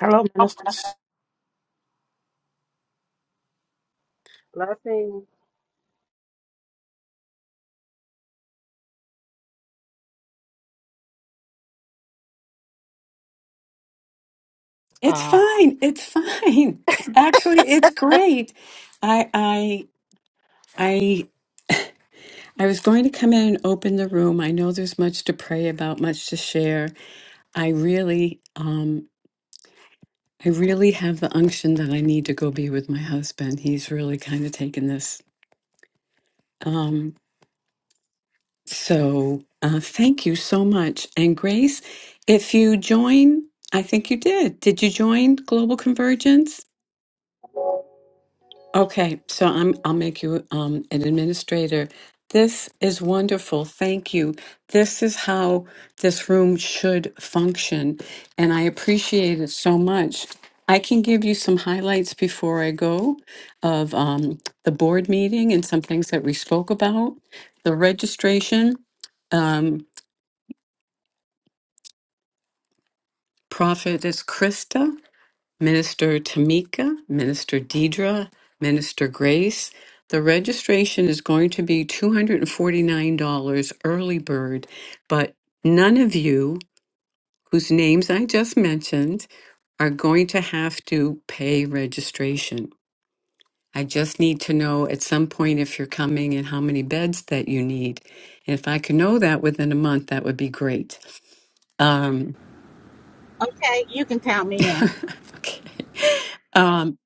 Hello, ministers. Blessings. It's Um, fine. It's fine. Actually, it's great. I I I I was going to come in and open the room. I know there's much to pray about, much to share. I really um I really have the unction that I need to go be with my husband. He's really kind of taken this. Um so uh thank you so much. And Grace, if you join, I think you did. Did you join Global Convergence? Okay, so I'm I'll make you um an administrator. This is wonderful. Thank you. This is how this room should function, and I appreciate it so much. I can give you some highlights before I go of um, the board meeting and some things that we spoke about. The registration, um, profit is Krista. Minister Tamika, Minister Deidre, Minister Grace. The registration is going to be $249 early bird, but none of you whose names I just mentioned are going to have to pay registration. I just need to know at some point if you're coming and how many beds that you need. And if I could know that within a month, that would be great. Um, Okay, you can count me in okay. Um,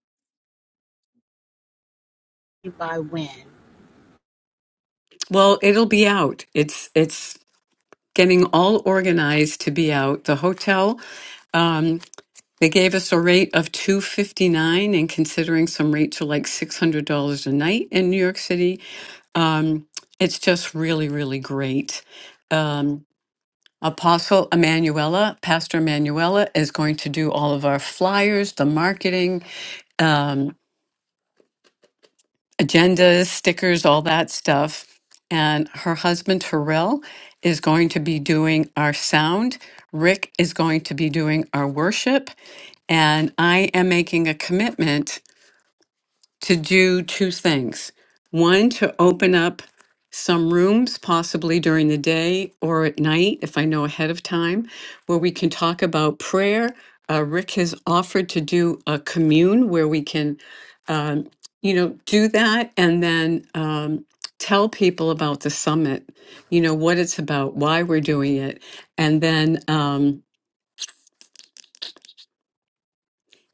by when. well, it'll be out. It's it's getting all organized to be out. The hotel, um, they gave us a rate of two fifty nine, and considering some rates are like six hundred dollars a night in New York City, um, it's just really, really great. Um, Apostle Emanuela, Pastor Emanuela, is going to do all of our flyers, the marketing. Um, agendas, stickers, all that stuff. And her husband, Terrell, is going to be doing our sound. Rick is going to be doing our worship. And I am making a commitment to do two things. One, to open up some rooms, possibly during the day or at night, if I know ahead of time, where we can talk about prayer. Uh, Rick has offered to do a commune where we can, um, you know, do that and then um, tell people about the summit, you know, what it's about, why we're doing it. And then, um,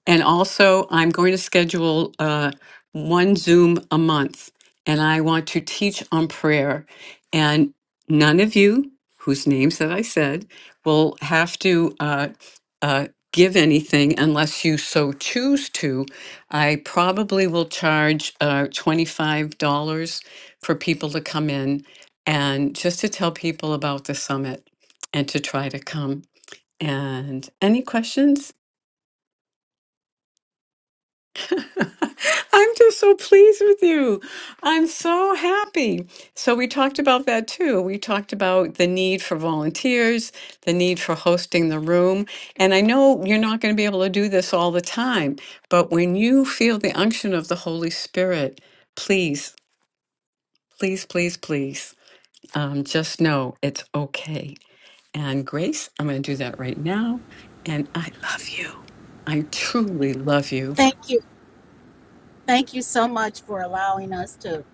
And also, I'm going to schedule uh, one Zoom a month, and I want to teach on prayer. And none of you, whose names that I said, will have to uh, uh, give anything unless you so choose to. I probably will charge uh, $25 for people to come in and just to tell people about the summit and to try to come. And any questions? I'm just so pleased with you. I'm so happy. So, we talked about that too. We talked about the need for volunteers, the need for hosting the room. And I know you're not going to be able to do this all the time, but when you feel the unction of the Holy Spirit, please, please, please, please um, just know it's okay. And Grace, I'm going to do that right now. And I love you. I truly love you. Thank you. Thank you so much for allowing us to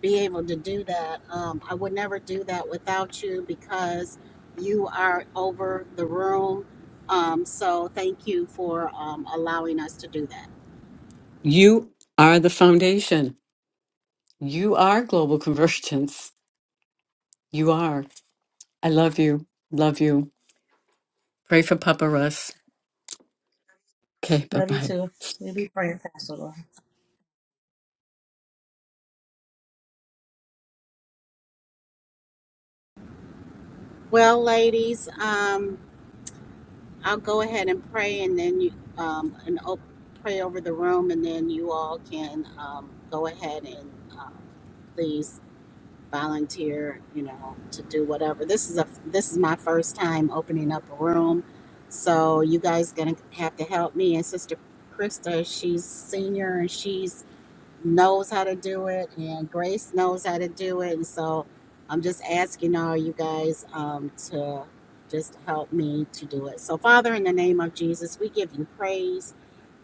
be able to do that. Um, I would never do that without you because you are over the room. Um, so thank you for um, allowing us to do that. You are the foundation. You are global convergence. You are. I love you. Love you. Pray for Papa Russ. Okay, bye Love you bye. too. We'll be praying, Pastor. Laura. Well, ladies, um, I'll go ahead and pray and then you um, and op- pray over the room, and then you all can um, go ahead and um, please volunteer, you know, to do whatever. This is a this is my first time opening up a room, so you guys gonna have to help me. And Sister Krista, she's senior and she's knows how to do it, and Grace knows how to do it. And so I'm just asking all you guys um, to just help me to do it. So, Father, in the name of Jesus, we give you praise,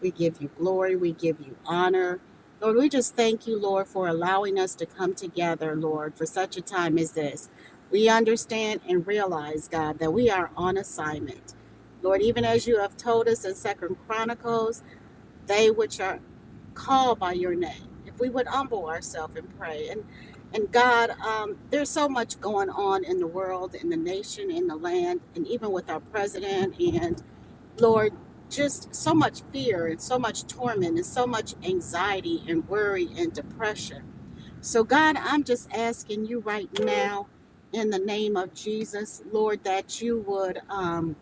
we give you glory, we give you honor. Lord, we just thank you, Lord, for allowing us to come together, Lord, for such a time as this. We understand and realize, God, that we are on assignment. Lord, even as you have told us in Second Chronicles, they which are call by your name if we would humble ourselves and pray and and god um, there's so much going on in the world in the nation in the land and even with our president and lord just so much fear and so much torment and so much anxiety and worry and depression so god i'm just asking you right now in the name of jesus lord that you would um,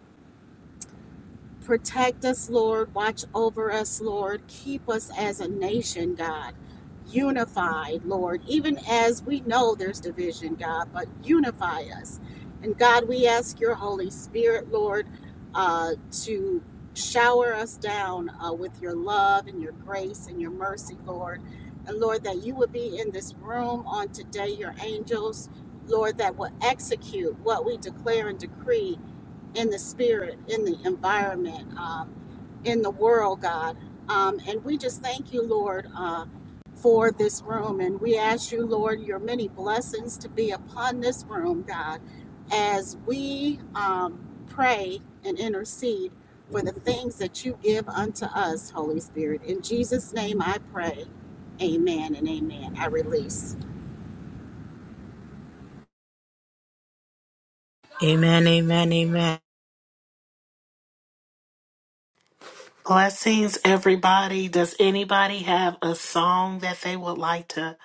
Protect us, Lord. Watch over us, Lord. Keep us as a nation, God. Unified, Lord. Even as we know there's division, God, but unify us. And God, we ask your Holy Spirit, Lord, uh, to shower us down uh, with your love and your grace and your mercy, Lord. And Lord, that you would be in this room on today, your angels, Lord, that will execute what we declare and decree in the spirit, in the environment, um, in the world, God. Um, and we just thank you, Lord, uh, for this room. And we ask you, Lord, your many blessings to be upon this room, God, as we um, pray and intercede for the things that you give unto us, Holy Spirit. In Jesus' name I pray. Amen and amen. I release. Amen, amen, amen. Blessings, everybody. Does anybody have a song that they would like to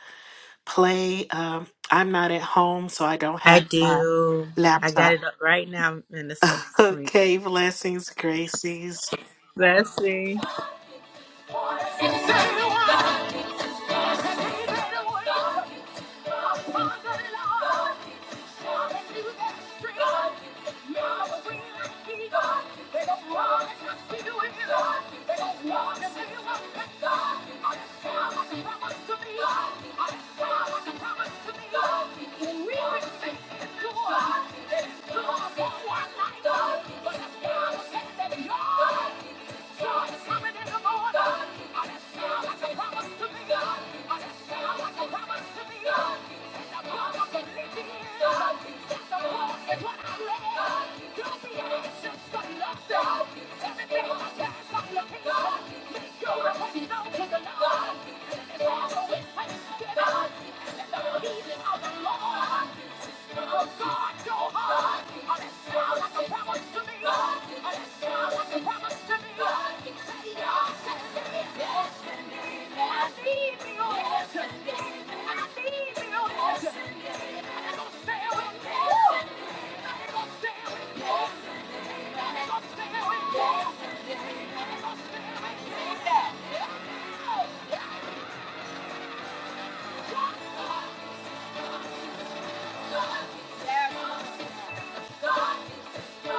play? Um, I'm not at home, so I don't I have my do. I got laptop. it up right now, Minister Tamika. okay, blessings, Gracies. Blessing. Thank you. Don't be anxious, but love down. Everything on the past, I'm looking up. Yes, yeah. Yes,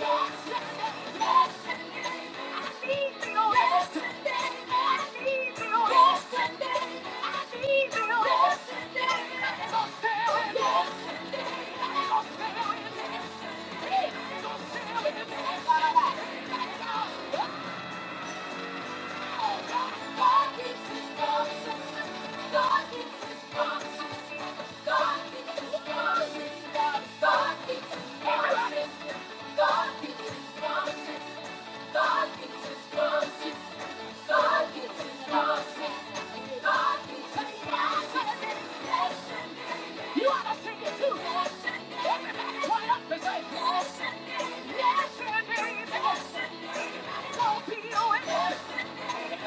yes, yes. Yes. You ought to sing it too. Yes, indeed. up and say, Yes, indeed. Yes, indeed. Yes, indeed. Go P.O. Go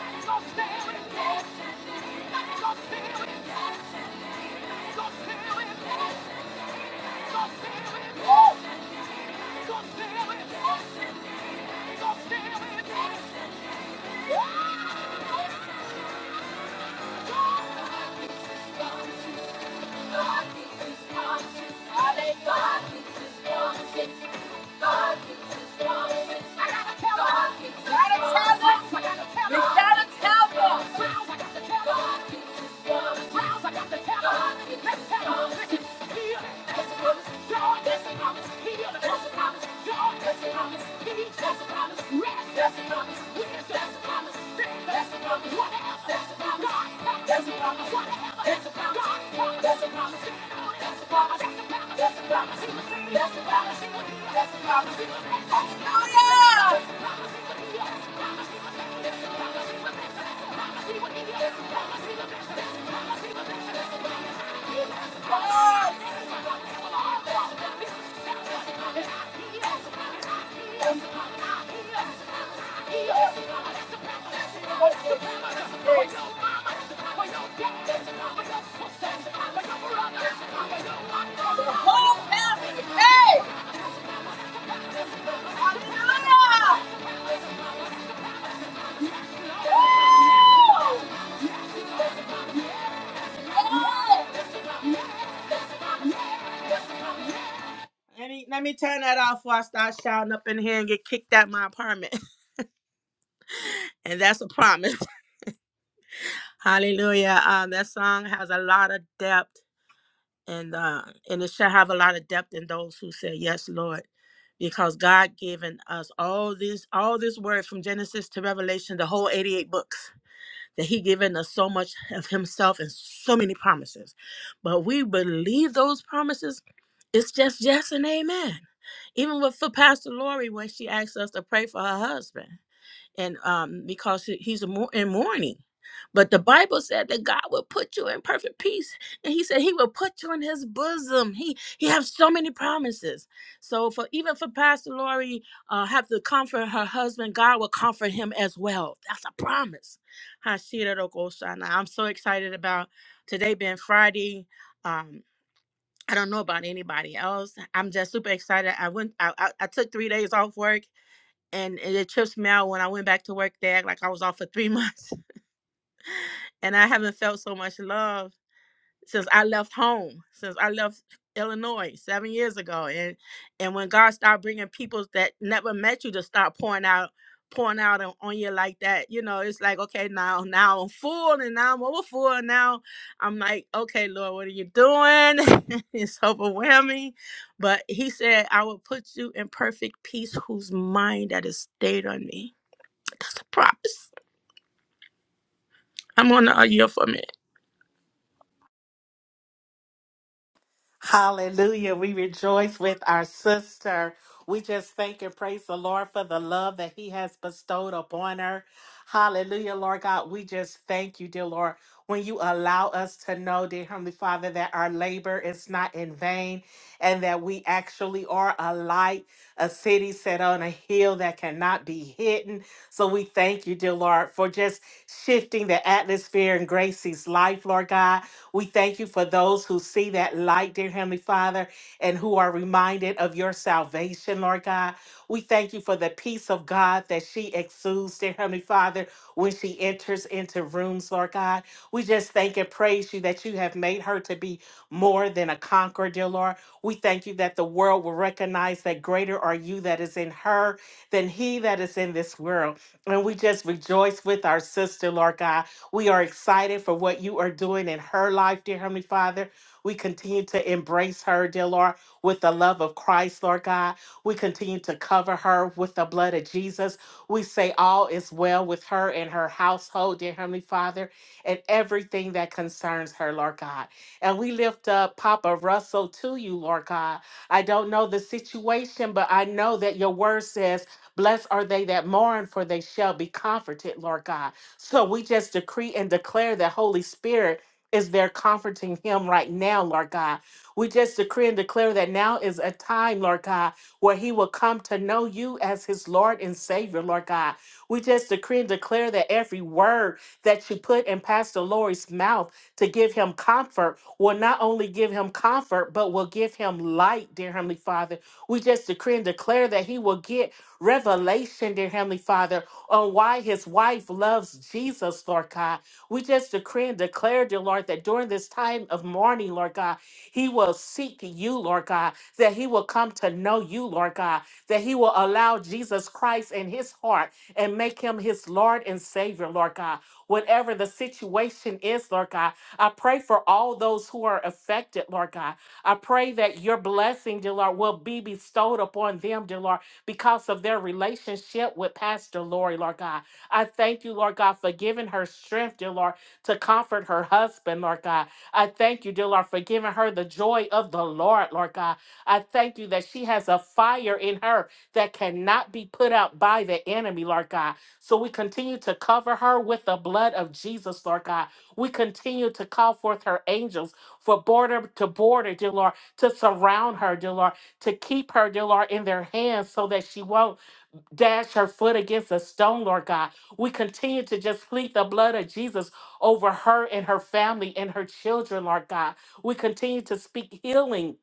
Woo! Let's tell 'em. Let's tell 'em. Listen, heal. This is joy. This is he did a just a promise. God just a promise. He just a promise. Rest just a promise. Wind just a promise. Stand just a promise. Whatever that's a promise. God just a promise. Whatever that's a promise. God just a promise. That's a promise. That's a promise. That's a promise. That's a promise. Hallelujah. Hallelujah! Let me let me turn that off before I start shouting up in here and get kicked out my apartment. And that's a promise. Hallelujah. Um, that song has a lot of depth and uh and it shall have a lot of depth in those who say yes, Lord. Because God given us all these all this word from Genesis to Revelation, the whole 88 books. that he given us so much of himself and so many promises but we believe those promises it's just yes and amen even with for pastor lori when she asked us to pray for her husband and um because he- he's a mou- in mourning but the bible said that god will put you in perfect peace and he said he will put you in his bosom he he has so many promises so for even for pastor lori uh have to comfort her husband god will comfort him as well that's a promise Hashirokosana. i'm so excited about today being friday um I don't know about anybody else. I'm just super excited. I went. I, I, I took three days off work and it it trips me out when I went back to work. They act like I was off for three months, and I haven't felt so much love since I left home, since I left Illinois seven years ago. And and when God started bringing people that never met you to start pouring out, pouring out on, on you like that, you know, it's like okay, now now I'm full, and now I'm over full, and now I'm like, okay, Lord, what are you doing? it's overwhelming, but He said, I will put you in perfect peace, whose mind that is stayed on me that's a promise. I'm on the year for a minute. Hallelujah. We rejoice with our sister. We just thank and praise the Lord for the love that He has bestowed upon her. Hallelujah, Lord God. We just thank you, dear Lord, when you allow us to know, dear Heavenly Father, that our labor is not in vain and that we actually are a light, a city set on a hill that cannot be hidden. So we thank you, dear Lord, for just shifting the atmosphere in Gracie's life, Lord God. We thank you for those who see that light, dear Heavenly Father, and who are reminded of your salvation, Lord God. We thank you for the peace of God that she exudes, dear Heavenly Father, when she enters into rooms, Lord God. We just thank and praise you that you have made her to be more than a conqueror, dear Lord. We thank you that the world will recognize that greater are you that is in her than he that is in this world. And we just rejoice with our sister, Lord God. We are excited for what you are doing in her life, dear Heavenly Father. We continue to embrace her, dear Lord, with the love of Christ, Lord God. We continue to cover her with the blood of Jesus. We say all is well with her and her household, dear Heavenly Father, and everything that concerns her, Lord God. And we lift up Papa Russell to you, Lord God. I don't know the situation, but I know that your word says, Blessed are they that mourn, for they shall be comforted, Lord God. So we just decree and declare that Holy Spirit is there comforting him right now, Lord God. We just decree and declare that now is a time, Lord God, where he will come to know you as his Lord and Savior, Lord God. We just decree and declare that every word that you put in Pastor Lori's mouth to give him comfort will not only give him comfort, but will give him light, dear Heavenly Father. We just decree and declare that he will get revelation, dear Heavenly Father on why his wife loves Jesus, Lord God. We just decree and declare, dear Lord, that during this time of mourning, Lord God, he will seek you, Lord God, that he will come to know you, Lord God, that he will allow Jesus Christ in his heart and make him his Lord and Savior, Lord God. Whatever the situation is, Lord God, I pray for all those who are affected, Lord God. I pray that your blessing, dear Lord, will be bestowed upon them, dear Lord because of their relationship with Pastor Lori, Lord God. I thank you, Lord God, for giving her strength, dear Lord, to comfort her husband, Lord God. I thank you, dear Lord, for giving her the joy of the Lord, Lord God. I thank you that she has a fire in her that cannot be put out by the enemy, Lord God. So we continue to cover her with the blood of Jesus, Lord God. We continue to call forth her angels for border to border, dear Lord, to surround her, dear Lord to keep her, dear Lord, in their hands so that she won't dash her foot against a stone, Lord God. We continue to just plead the blood of Jesus over her and her family and her children, Lord God. We continue to speak healing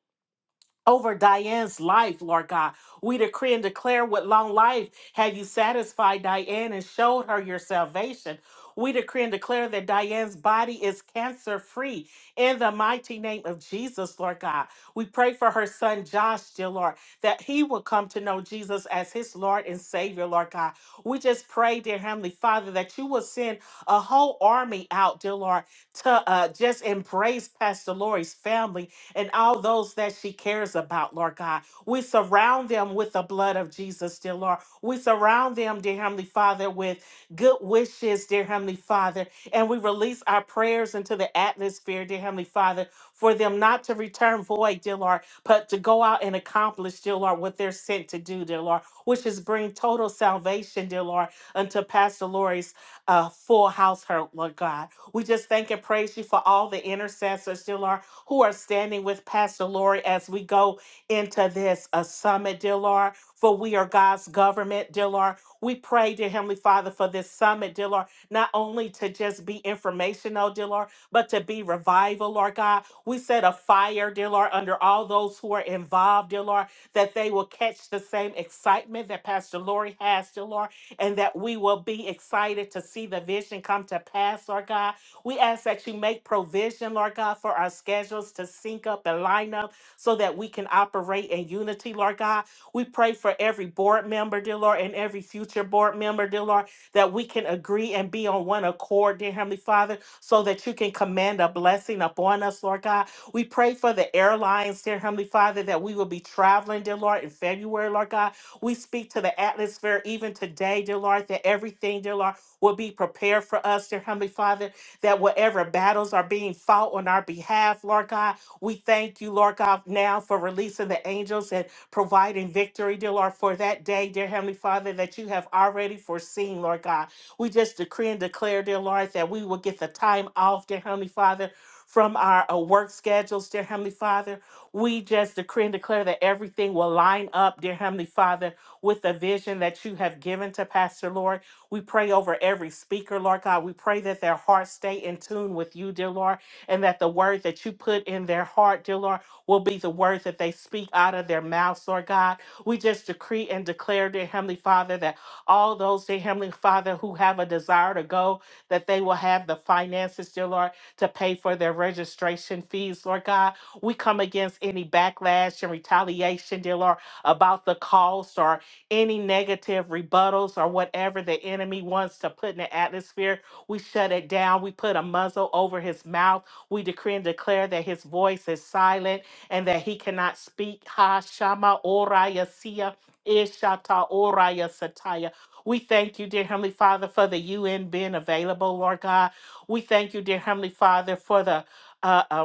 over Diane's life, Lord God. We decree and declare with long life have you satisfied Diane and showed her your salvation. We decree and declare that Diane's body is cancer free in the mighty name of Jesus, Lord God. We pray for her son Josh, dear Lord, that he will come to know Jesus as his Lord and Savior, Lord God. We just pray, dear Heavenly Father, that you will send a whole army out, dear Lord, to uh, just embrace Pastor Lori's family and all those that she cares about, Lord God. We surround them with the blood of Jesus, dear Lord. We surround them, dear Heavenly Father, with good wishes, dear Heavenly Father. And we release our prayers into the atmosphere, dear Heavenly Father, for them not to return void, dear Lord, but to go out and accomplish, dear Lord, what they're sent to do, dear Lord, which is bring total salvation, dear Lord, unto Pastor Lori's uh, full household, Lord God. We just thank and praise you for all the intercessors, dear Lord, who are standing with Pastor Lori as we go into this uh, summit, dear Lord, for we are God's government, dear Lord. We pray, dear Heavenly Father, for this summit, dear Lord, not only to just be informational, dear Lord, but to be revival, Lord God. We set a fire, dear Lord, under all those who are involved, dear Lord, that they will catch the same excitement that Pastor Lori has, dear Lord and that we will be excited to see the vision come to pass, Lord God. We ask that you make provision, Lord God, for our schedules to sync up and line up so that we can operate in unity, Lord God. We pray for every board member, dear Lord, and every future board member, dear Lord, that we can agree and be on one accord, dear Heavenly Father, so that you can command a blessing upon us, Lord God. We pray for the airlines, dear Heavenly Father, that we will be traveling, dear Lord, in February, Lord God. We speak to the atmosphere even today, dear Lord, that everything, dear Lord, will be prepared for us, dear Heavenly Father, that whatever battles are being fought on our behalf, Lord God, we thank you, Lord God, now for releasing the angels and providing victory, dear Lord, for that day, dear Heavenly Father, that you have already foreseen, Lord God. We just decree and declare, dear Lord, that we will get the time off, dear Heavenly Father, from our uh, work schedules, dear Heavenly Father. We just decree and declare that everything will line up, dear Heavenly Father, with the vision that you have given to Pastor Lord. We pray over every speaker, Lord God. We pray that their hearts stay in tune with you, dear Lord, and that the word that you put in their heart, dear Lord, will be the words that they speak out of their mouths, Lord God. We just decree and declare, dear Heavenly Father, that all those, dear Heavenly Father, who have a desire to go, that they will have the finances, dear Lord, to pay for their registration fees, Lord God. We come against any backlash and retaliation, dear Lord, about the cost or any negative rebuttals or whatever the enemy wants to put in the atmosphere. We shut it down. We put a muzzle over his mouth. We decree and declare that his voice is silent and that he cannot speak. Ha Shama Oraya Sia. Ishata Oraya Sataya. We thank you, dear Heavenly Father, for the UN being available, Lord God. We thank you, dear Heavenly Father, for the uh, uh,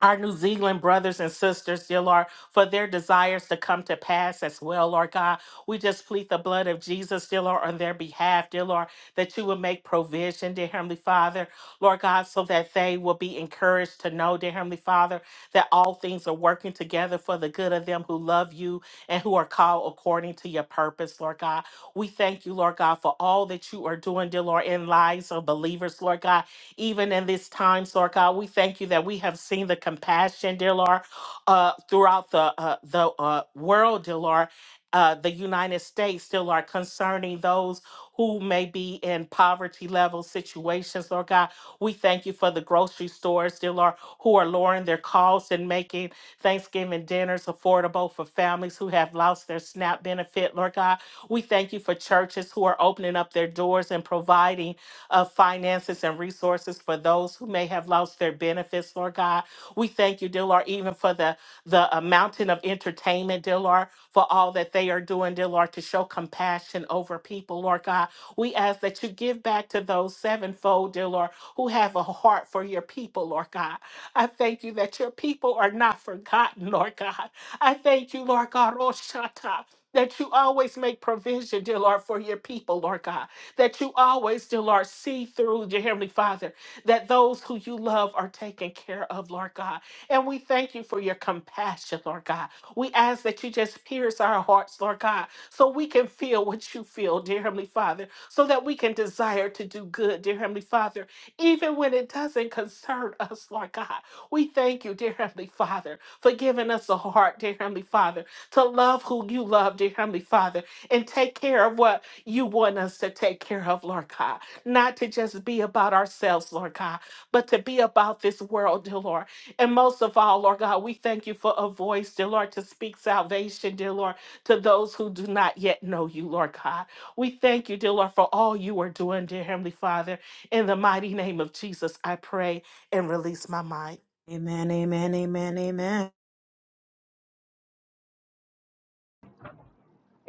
our New Zealand brothers and sisters, dear Lord, for their desires to come to pass as well, Lord God. We just plead the blood of Jesus, dear Lord, on their behalf, dear Lord, that you would make provision, dear Heavenly Father, Lord God, so that they will be encouraged to know, dear Heavenly Father, that all things are working together for the good of them who love you and who are called according to your purpose, Lord God. We thank you, Lord God, for all that you are doing, dear Lord, in lives of believers, Lord God even in this time, Lord God. We thank you that we have seen the compassion, dear Lord, uh, throughout the uh, the uh, world, dear Lord. Uh, the United States, dear Lord, concerning those who may be in poverty level situations, Lord God. We thank you for the grocery stores, dear Lord, who are lowering their costs and making Thanksgiving dinners affordable for families who have lost their SNAP benefit, Lord God. We thank you for churches who are opening up their doors and providing of finances and resources for those who may have lost their benefits, Lord God. We thank you, dear Lord, even for the, the uh, mountain of entertainment, dear Lord, for all that they are doing, dear Lord, to show compassion over people, Lord God. We ask that you give back to those sevenfold, dear Lord, who have a heart for your people, Lord God. I thank you that your people are not forgotten, Lord God. I thank you, Lord God, Roshata, that you always make provision, dear Lord, for your people, Lord God that you always still are. See through, dear Heavenly Father, that those who you love are taken care of, Lord God. And we thank you for your compassion, Lord God. We ask that you just pierce our hearts, Lord God, so we can feel what you feel, dear Heavenly Father, so that we can desire to do good, dear Heavenly Father, even when it doesn't concern us, Lord God. We thank you, dear Heavenly Father, for giving us a heart, dear Heavenly Father, to love who you love, dear Heavenly Father, and take care of what you want us to take care of, Lord God. Not to just be about ourselves, Lord God, but to be about this world, dear Lord. And most of all, Lord God, we thank you for a voice, dear Lord, to speak salvation, dear Lord, to those who do not yet know you, Lord God. We thank you, dear Lord, for all you are doing, dear Heavenly Father. In the mighty name of Jesus, I pray and release my mind. Amen, amen, amen, amen.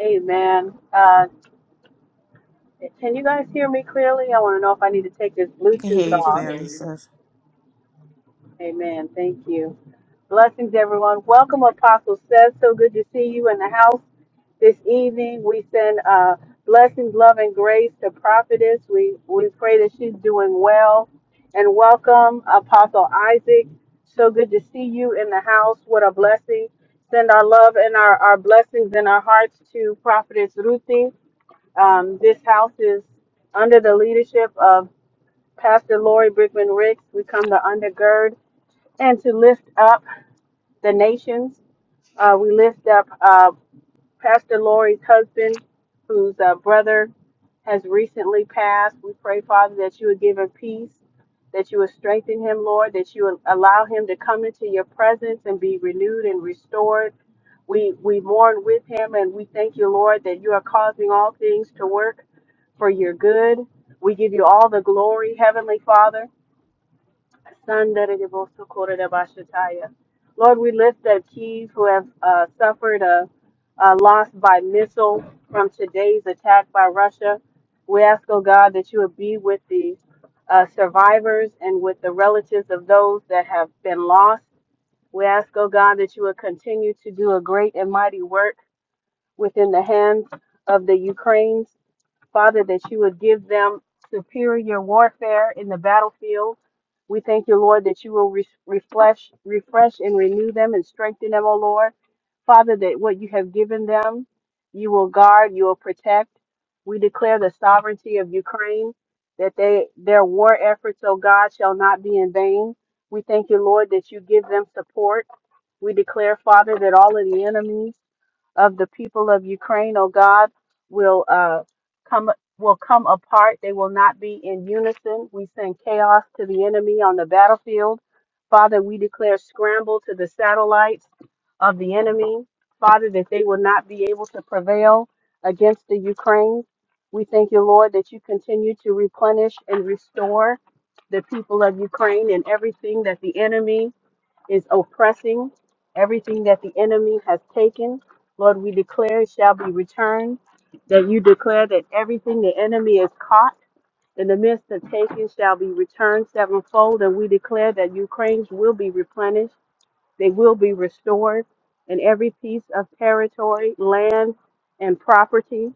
Amen. Uh, can you guys hear me clearly? I want to know if I need to take this We can hear Bluetooth We you, can off. hear you. Clarissa. Amen. Thank you. Blessings, everyone. Welcome, Apostle Seth. So good to see you in the house this evening. We send uh, blessings, love, and grace to Prophetess. We, we pray that she's doing well. And welcome, Apostle Isaac. So good to see you in the house. What a blessing. Send our love and our, our blessings and our hearts to Prophetess Ruthie. Um, this house is under the leadership of Pastor Lori Brickman Ricks. We come to undergird and to lift up the nations. Uh, we lift up uh, Pastor Lori's husband, whose uh, brother has recently passed. We pray, Father, that you would give him peace, that you would strengthen him, Lord, that you would allow him to come into your presence and be renewed and restored we we mourn with him and we thank you, Lord, that you are causing all things to work for your good. We give you all the glory, Heavenly Father. Lord, we lift up Keys who have uh, suffered a, a loss by missile from today's attack by Russia. We ask, oh God, that you would be with the uh, survivors and with the relatives of those that have been lost. We ask, oh God, that you would continue to do a great and mighty work within the hands of the Ukraines. Father, that you would give them superior warfare in the battlefield. We thank you, Lord, that you will re- refresh, refresh and renew them and strengthen them, O Lord. Father, that what you have given them, you will guard, you will protect. We declare the sovereignty of Ukraine, that they their war efforts, O God, shall not be in vain. We thank you, Lord, that you give them support. We declare, Father, that all of the enemies of the people of Ukraine, oh God, will uh, come will come apart. They will not be in unison. We send chaos to the enemy on the battlefield. Father, we declare scramble to the satellites of the enemy. Father, that they will not be able to prevail against the Ukraine. We thank you, Lord, that you continue to replenish and restore the people of Ukraine and everything that the enemy is oppressing, everything that the enemy has taken. Lord, we declare it shall be returned, that you declare that everything the enemy is caught in the midst of taking shall be returned sevenfold, and we declare that Ukraine's will be replenished. They will be restored, and every piece of territory, land, and property,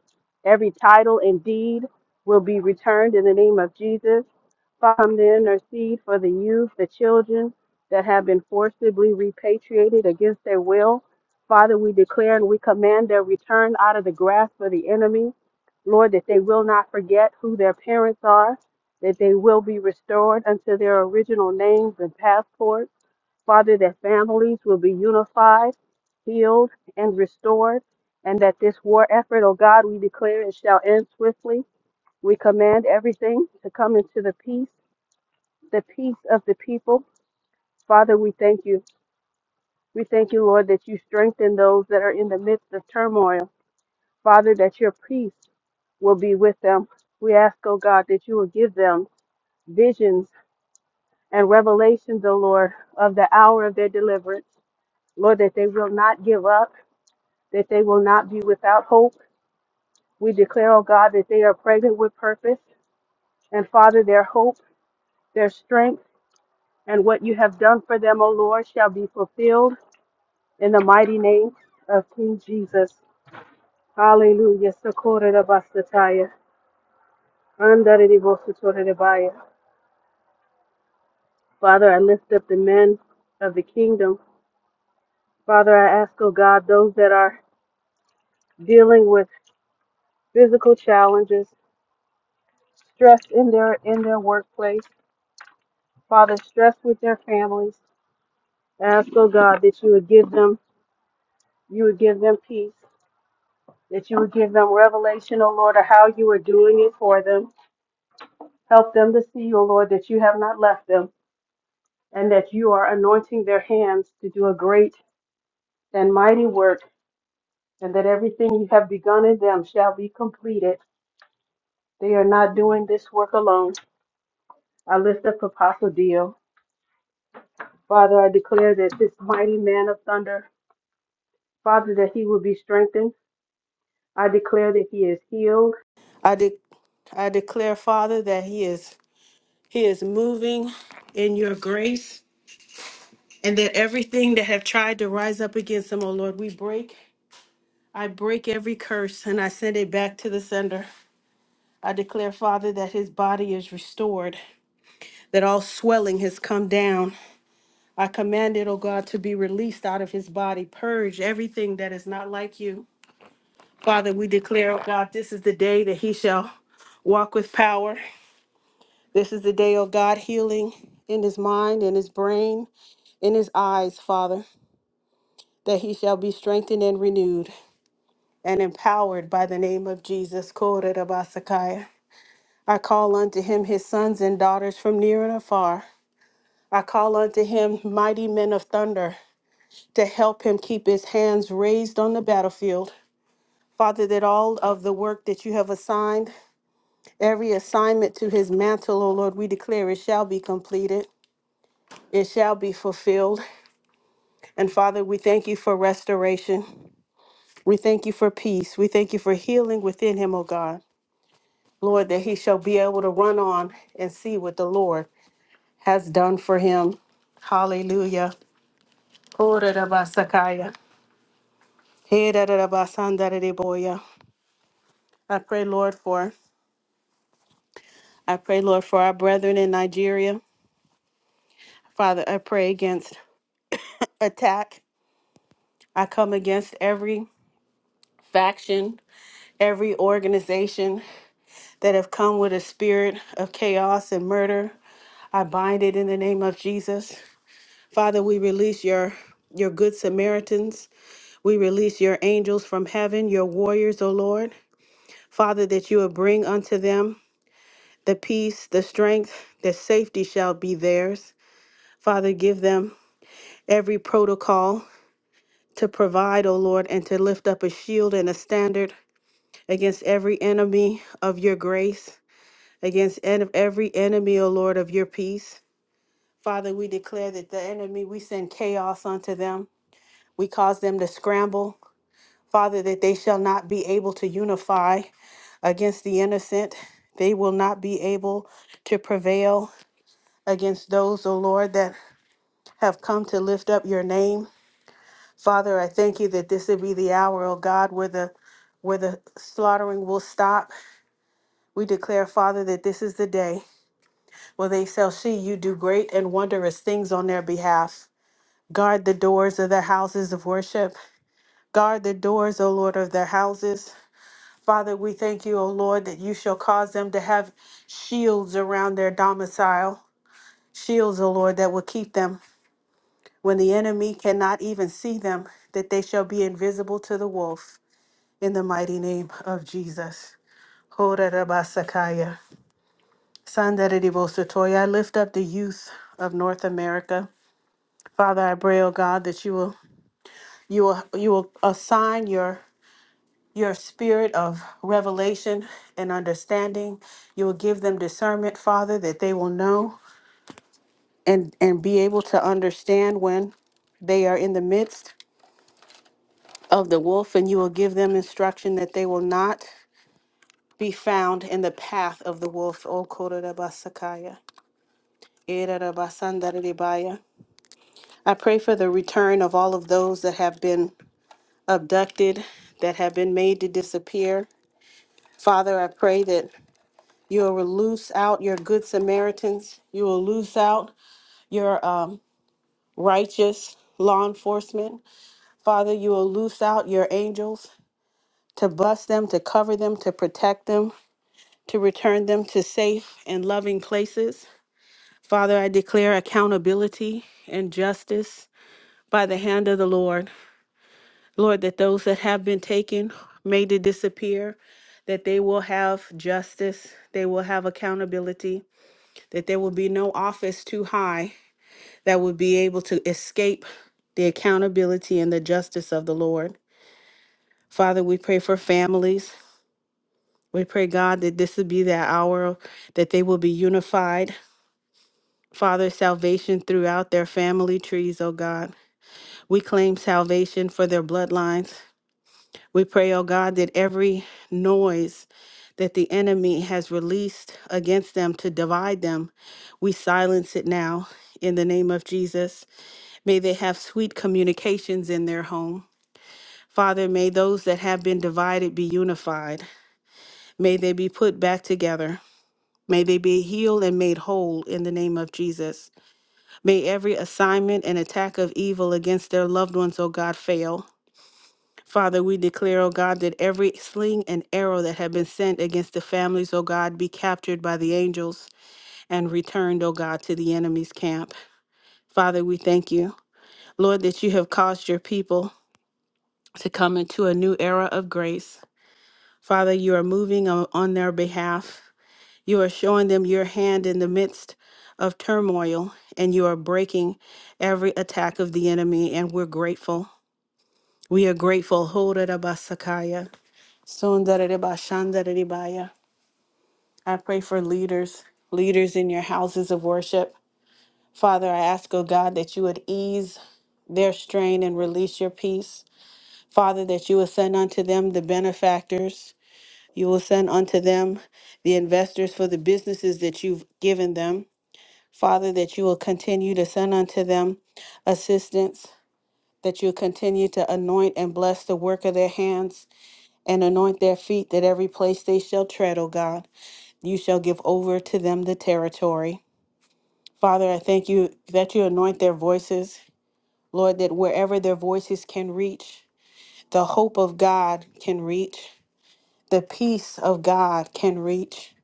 every title and deed will be returned in the name of Jesus. Father, Come to intercede for the youth, the children that have been forcibly repatriated against their will. Father, we declare and we command their return out of the grasp of the enemy. Lord, that they will not forget who their parents are, that they will be restored unto their original names and passports. Father, that families will be unified, healed, and restored, and that this war effort, oh God, we declare it shall end swiftly. We command everything to come into the peace, the peace of the people. Father, we thank you. We thank you, Lord, that you strengthen those that are in the midst of turmoil. Father, that your peace will be with them. We ask, oh God, that you will give them visions and revelations, oh Lord, of the hour of their deliverance. Lord, that they will not give up, that they will not be without hope. We declare, oh God, that they are pregnant with purpose. And Father, their hope, their strength, and what you have done for them, O Lord, shall be fulfilled in the mighty name of King Jesus. Hallelujah. Socorro da bastataya. Andare Father, I lift up the men of the kingdom. Father, I ask, oh God, those that are dealing with physical challenges, stress in their in their workplace, Father, stress with their families. Ask, oh God, that you would give them, you would give them peace, that you would give them revelation, oh Lord, of how you are doing it for them. Help them to see, oh Lord, that you have not left them and that you are anointing their hands to do a great and mighty work and that everything you have begun in them shall be completed. They are not doing this work alone. I lift up Apostle Dio. Father, I declare that this mighty man of thunder, Father, that he will be strengthened. I declare that he is healed. I I declare, Father, that He is He is moving in your grace, and that everything that have tried to rise up against him, oh Lord, we break. I break every curse and I send it back to the sender. I declare, Father, that his body is restored, that all swelling has come down. I command it, oh God, to be released out of his body. Purge everything that is not like you. Father, we declare, oh God, this is the day that he shall walk with power. This is the day of God healing in his mind, in his brain, in his eyes, Father, that he shall be strengthened and renewed and empowered by the name of Jesus. Korerabasakaya. I call unto him his sons and daughters from near and afar. I call unto him mighty men of thunder to help him keep his hands raised on the battlefield. Father, that all of the work that you have assigned, every assignment to his mantle, O Lord, we declare it shall be completed, it shall be fulfilled. And Father, we thank you for restoration. We thank you for peace. We thank you for healing within him, O God. Lord, that he shall be able to run on and see what the Lord has done for him. Hallelujah. Orarabasakaya. Herarabasandaraboya. I pray, Lord, for I pray, Lord, for our brethren in Nigeria. Father, I pray against attack. I come against every faction, every organization that have come with a spirit of chaos and murder. I bind it in the name of Jesus. Father, we release your your good Samaritans. We release your angels from heaven, your warriors, O Lord. Father, that you will bring unto them the peace, the strength, the safety shall be theirs. Father, give them every protocol to provide, O Lord, and to lift up a shield and a standard against every enemy of your grace, against en- every enemy, O Lord, of your peace. Father, we declare that the enemy, we send chaos unto them. We cause them to scramble, Father, that they shall not be able to unify against the innocent. They will not be able to prevail against those, O Lord, that have come to lift up your name. Father, I thank you that this would be the hour, O God, where the where the slaughtering will stop. We declare, Father, that this is the day where they shall see you do great and wondrous things on their behalf. Guard the doors of their houses of worship. Guard the doors, O Lord, of their houses. Father, we thank you, O Lord, that you shall cause them to have shields around their domicile, shields, O Lord, that will keep them when the enemy cannot even see them, that they shall be invisible to the wolf. In the mighty name of Jesus. Horarabasakaya. Sandaredibosotoya. I lift up the youth of North America. Father, I pray, O God, that you will you will you will assign your your spirit of revelation and understanding. You will give them discernment, Father, that they will know and, and be able to understand when they are in the midst of the wolf, and you will give them instruction that they will not be found in the path of the wolf. O Kororabasakaya, Erarabasandaridibaya. I pray for the return of all of those that have been abducted, that have been made to disappear. Father, I pray that You will loose out your good Samaritans. You will loose out your um, righteous law enforcement. Father, you will loose out your angels to bless them, to cover them, to protect them, to return them to safe and loving places. Father, I declare accountability and justice by the hand of the Lord. Lord, that those that have been taken, made to disappear, that they will have justice, they will have accountability, that there will be no office too high that would be able to escape the accountability and the justice of the Lord. Father, we pray for families. We pray, God, that this would be that hour that they will be unified. Father, salvation throughout their family trees, oh God. We claim salvation for their bloodlines. We pray, oh God, that every noise that the enemy has released against them to divide them, we silence it now in the name of Jesus. May they have sweet communications in their home. Father, may those that have been divided be unified. May they be put back together. May they be healed and made whole in the name of Jesus. May every assignment and attack of evil against their loved ones, O God, fail. Father, we declare, O God, that every sling and arrow that have been sent against the families, O God, be captured by the angels and returned, O God, to the enemy's camp. Father, we thank you, Lord, that you have caused your people to come into a new era of grace. Father, you are moving on on their behalf. You are showing them your hand in the midst of turmoil, and you are breaking every attack of the enemy, and we're grateful. We are grateful. Hodarabasakaya, sundarabashandarabaya. I pray for leaders, leaders in your houses of worship. Father, I ask, oh God, that you would ease their strain and release your peace. Father, that you would send unto them the benefactors You will send unto them the investors for the businesses that you've given them. Father, that you will continue to send unto them assistance, that you'll continue to anoint and bless the work of their hands and anoint their feet, that every place they shall tread, O God, you shall give over to them the territory. Father, I thank you that you anoint their voices, Lord, that wherever their voices can reach, the hope of God can reach, the peace of God can reach.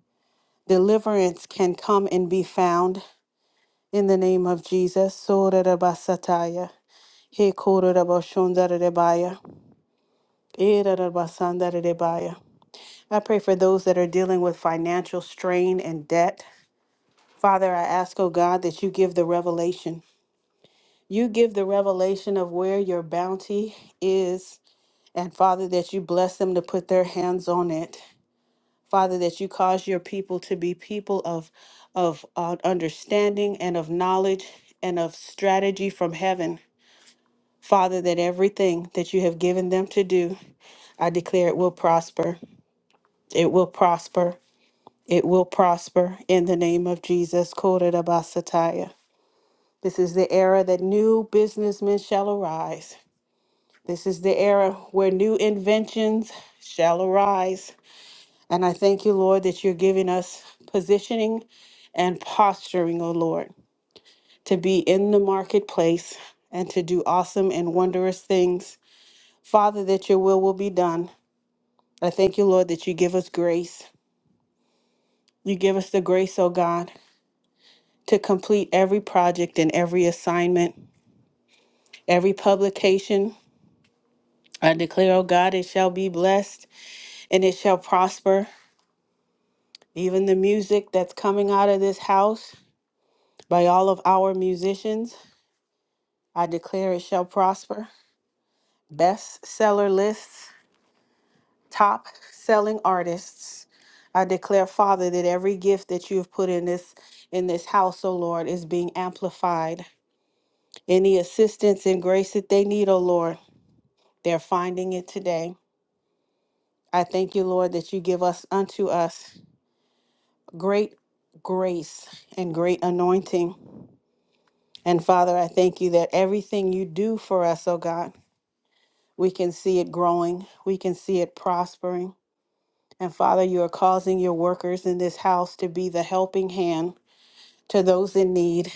Deliverance can come and be found in the name of Jesus. Sorarabasataya, hekorarabashondarerebaya, erarabasandarerebaya. I pray for those that are dealing with financial strain and debt. Father, I ask, oh God, that you give the revelation. You give the revelation of where your bounty is, and Father, that you bless them to put their hands on it. Father, that you cause your people to be people of of uh, understanding and of knowledge and of strategy from heaven. Father, that everything that you have given them to do, I declare it will prosper. It will prosper. It will prosper in the name of Jesus. Kodarabasataya. This is the era that new businessmen shall arise. This is the era where new inventions shall arise. And I thank you, Lord, that you're giving us positioning and posturing, O Lord, to be in the marketplace and to do awesome and wondrous things. Father, that your will will be done. I thank you, Lord, that you give us grace. You give us the grace, O God, to complete every project and every assignment, every publication. I declare, O God, it shall be blessed and it shall prosper. Even the music that's coming out of this house by all of our musicians. I declare it shall prosper. Best seller lists, top selling artists. I declare, Father, that every gift that you have put in this in this house, O Lord, is being amplified. Any assistance and grace that they need, O Lord, they're finding it today. I thank you, Lord, that you give us unto us great grace and great anointing. And Father, I thank you that everything you do for us, O God, we can see it growing, we can see it prospering. And Father, you are causing your workers in this house to be the helping hand to those in need.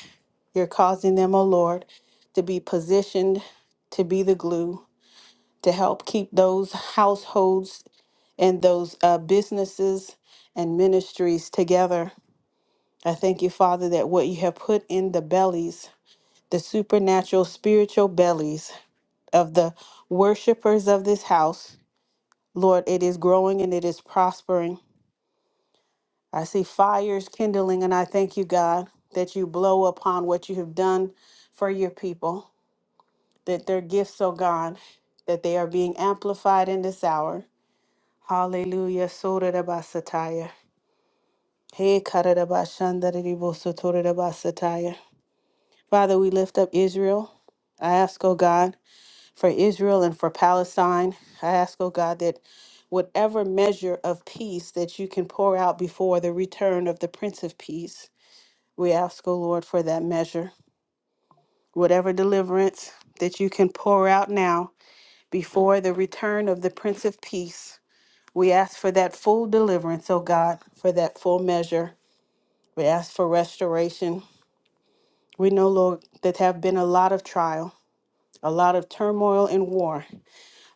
You're causing them, O Lord, to be positioned to be the glue to help keep those households and those uh, businesses and ministries together. I thank you, Father, that what you have put in the bellies, the supernatural, spiritual bellies of the worshipers of this house, Lord, it is growing and it is prospering I see fires kindling, and I thank you, God, that you blow upon what you have done for your people, that their gifts, oh God, that they are being amplified in this hour. Hallelujah. Sotarabasataya. Hey, katarabashandariribosotorabasataya. Father, we lift up Israel. I ask, oh God, for Israel and for Palestine. I ask, oh God, that whatever measure of peace that you can pour out before the return of the Prince of Peace, We ask, O Lord, for that measure, whatever deliverance that you can pour out now before the return of the Prince of Peace. We ask for that full deliverance, O God, for that full measure. We ask for restoration. We know, Lord, that have been a lot of trial, a lot of turmoil and war,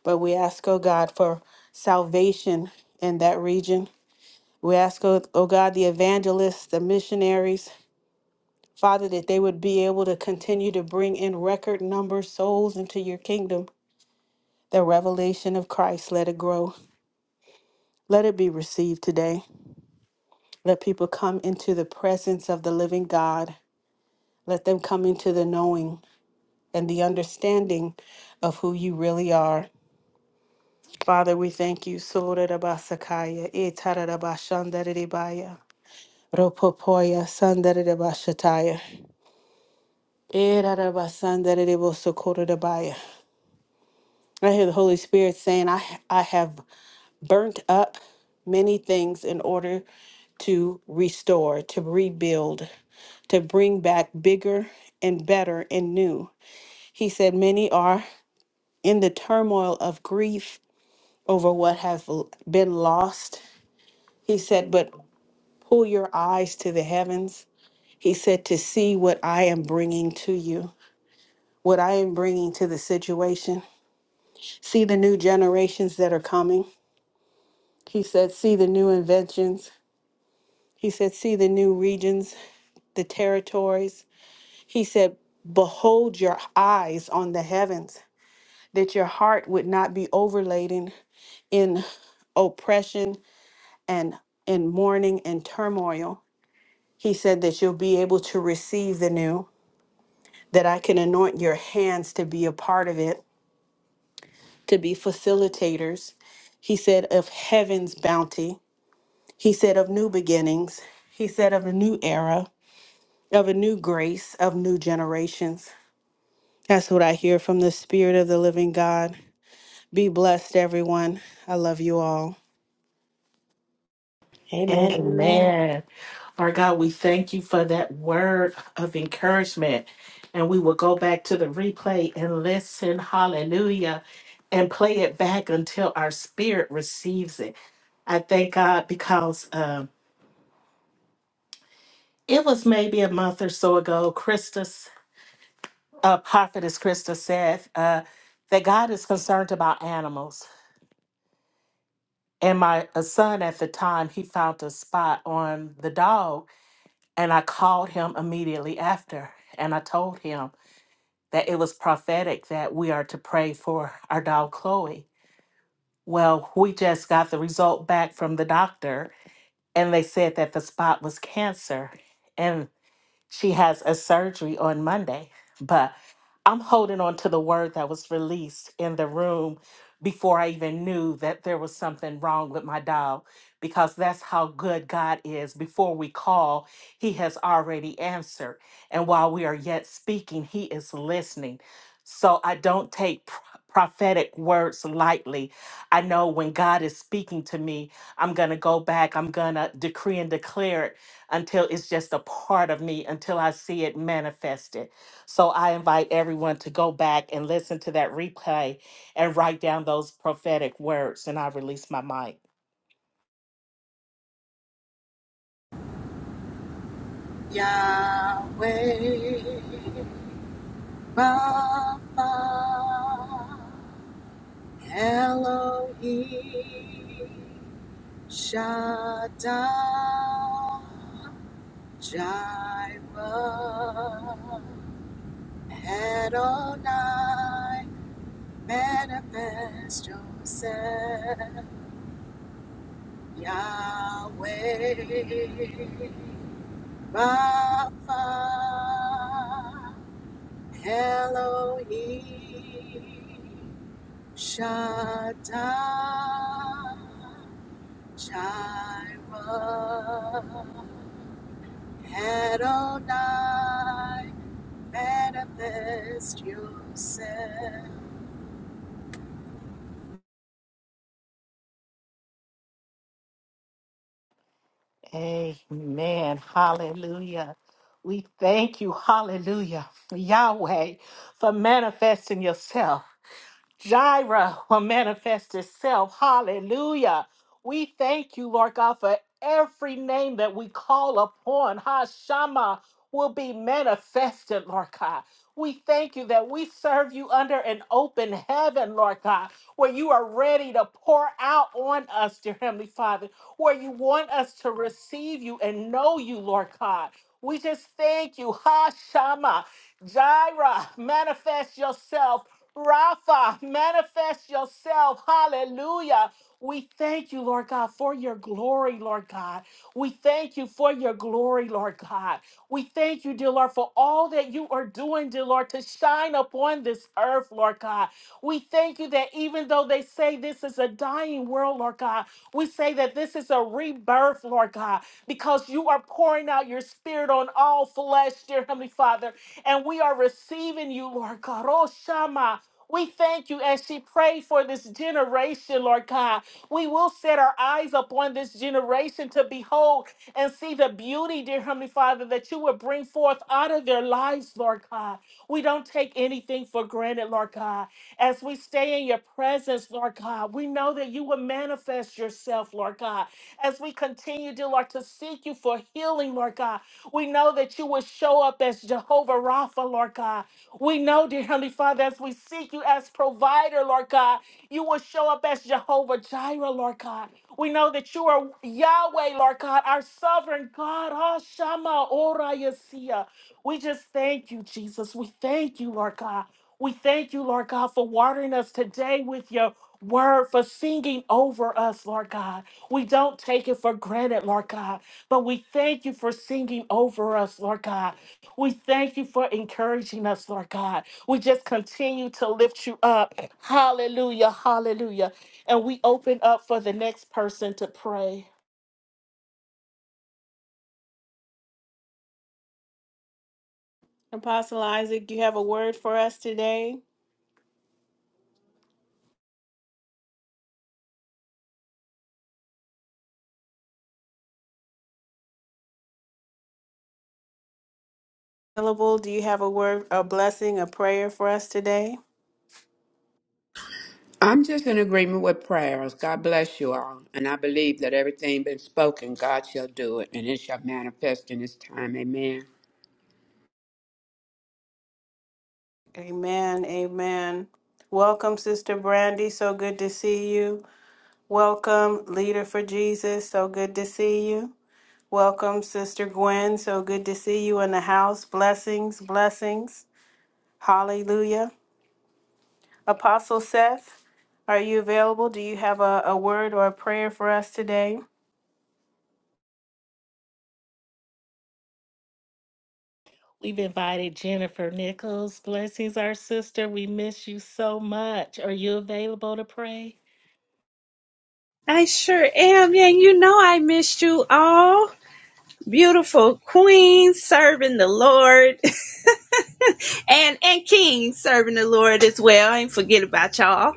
but we ask, O God, for salvation in that region. We ask, O O God, the evangelists, the missionaries, Father, that they would be able to continue to bring in record number souls into your kingdom. The revelation of Christ, let it grow. Let it be received today. Let people come into the presence of the living God. Let them come into the knowing and the understanding of who you really are. Father, we thank you. Sorarabasakaya, etarabashandaridibaya, ropopoya, sandaridabashataya, erarabasandaridibosokorotabaya. I hear the Holy Spirit saying, I, I have burnt up many things in order to restore, to rebuild, to bring back bigger and better and new. He said, Many are in the turmoil of grief over what has l- been lost. He said, But pull your eyes to the heavens. He said, To see what I am bringing to you, what I am bringing to the situation. See the new generations that are coming. He said, See the new inventions. He said, See the new regions, the territories. He said, Behold your eyes on the heavens, that your heart would not be overladen in oppression and in mourning and turmoil. He said that you'll be able to receive the new, that I can anoint your hands to be a part of it, to be facilitators. He said, of heaven's bounty. He said, of new beginnings. He said, of a new era. of a new grace of new generations. That's what I hear from the Spirit of the Living God. Be blessed, everyone. I love you all. Amen. Amen. Amen. Our God, we thank you for that word of encouragement. And we will go back to the replay and listen, hallelujah, and play it back until our spirit receives it. I thank God because um, it was maybe a month or so ago, Christus, uh, prophetess Christus said uh, that God is concerned about animals. And my uh, son at the time, he found a spot on the dog And I called him immediately after and I told him that it was prophetic that we are to pray for our dog Chloe. Well, we just got the result back from the doctor and they said that the spot was cancer and she has a surgery on Monday. But I'm holding on to the word that was released in the room before I even knew that there was something wrong with my dial because that's how good God is. Before we call, He has already answered. And while we are yet speaking, He is listening. So I don't take pro- prophetic words lightly. I know when God is speaking to me, I'm going to go back, I'm going to decree and declare it until it's just a part of me, until I see it manifested. So I invite everyone to go back and listen to that replay and write down those prophetic words. And I release my mic. Yahweh Rapha. Elohim Shaddai Jireh Adonai Manifest Yourself Yahweh Rapha Elohim Shaddai Jireh, Adonai, manifest yourself. Amen. Hallelujah. We thank you, hallelujah, Yahweh, for manifesting yourself. Jireh will manifest itself. Hallelujah. We thank you, Lord God, for every name that we call upon. Hashama will be manifested, Lord God. We thank you that we serve you under an open heaven, Lord God, where you are ready to pour out on us, dear Heavenly Father, where you want us to receive you and know you, Lord God. We just thank you. Hashama, Shama, Jireh, manifest yourself. Rapha, manifest yourself. Hallelujah. We thank you, Lord God, for your glory, Lord God. We thank you for your glory, Lord God. We thank you, you, dear Lord, for all that you are doing, dear Lord, to shine upon this earth, Lord God. We thank you that even though they say this is a dying world, Lord God, we say that this is a rebirth, Lord God, because you are pouring out your spirit on all flesh, dear Heavenly Father, and we are receiving you, Lord God. Oh, Shama. We thank you as she prayed for this generation, Lord God. We will set our eyes upon this generation to behold and see the beauty, dear Heavenly Father, that you would bring forth out of their lives, Lord God. We don't take anything for granted, Lord God. As we stay in your presence, Lord God, we know that you will manifest yourself, Lord God. As we continue, dear Lord, to seek you for healing, Lord God, we know that you will show up as Jehovah Rapha, Lord God. We know, dear Heavenly Father, as we seek you as provider, Lord God, you will show up as Jehovah Jireh, Lord God. We know that you are Yahweh, Lord God, our sovereign God. Ah, Shama Ora Yesia. We just thank you, Jesus. We thank you, Lord God. We thank you, Lord God, for watering us today with your word, for singing over us, Lord God. We don't take it for granted, Lord God, but we thank you for singing over us, Lord God. We thank you for encouraging us, Lord God. We just continue to lift you up. Hallelujah, hallelujah. And we open up for the next person to pray. Apostle Isaac, you have a word for us today? Available, do you have a word, a blessing, a prayer for us today? I'm just in agreement with prayers. God bless you all. And I believe that everything been spoken, God shall do it, and it shall manifest in his time. Amen. Amen. Amen. Welcome, Sister Brandy. So good to see you. Welcome, Leader for Jesus. So good to see you. Welcome, Sister Gwen. So good to see you in the house. Blessings, blessings. Hallelujah. Apostle Seth, are you available? Do you have a, a word or a prayer for us today? We've invited Jennifer Nichols. Blessings, our sister. We miss you so much. Are you available to pray? I sure am. Yeah, you know I missed you all. Beautiful queens serving the Lord and and kings serving the Lord as well. I ain't forget about y'all.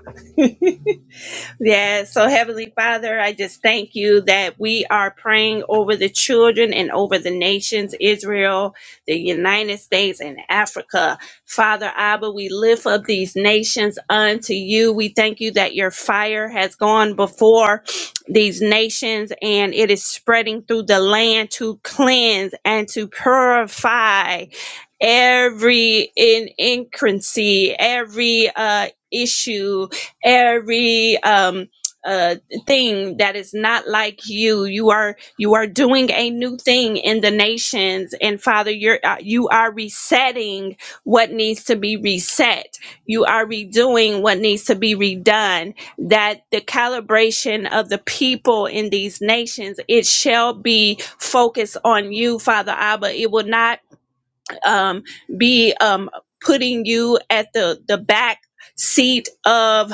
Yes. So, Heavenly Father, I just thank you that we are praying over the children and over the nations, Israel, the United States, and Africa. Father Abba, we lift up these nations unto you. We thank you that your fire has gone before these nations and it is spreading through the land to cleanse and to purify every in increancy, every uh issue every um uh thing that is not like you you are you are doing a new thing in the nations and father you're uh, you are resetting what needs to be reset you are redoing what needs to be redone that the calibration of the people in these nations it shall be focused on you father abba it will not um, be um, putting you at the, the back seat of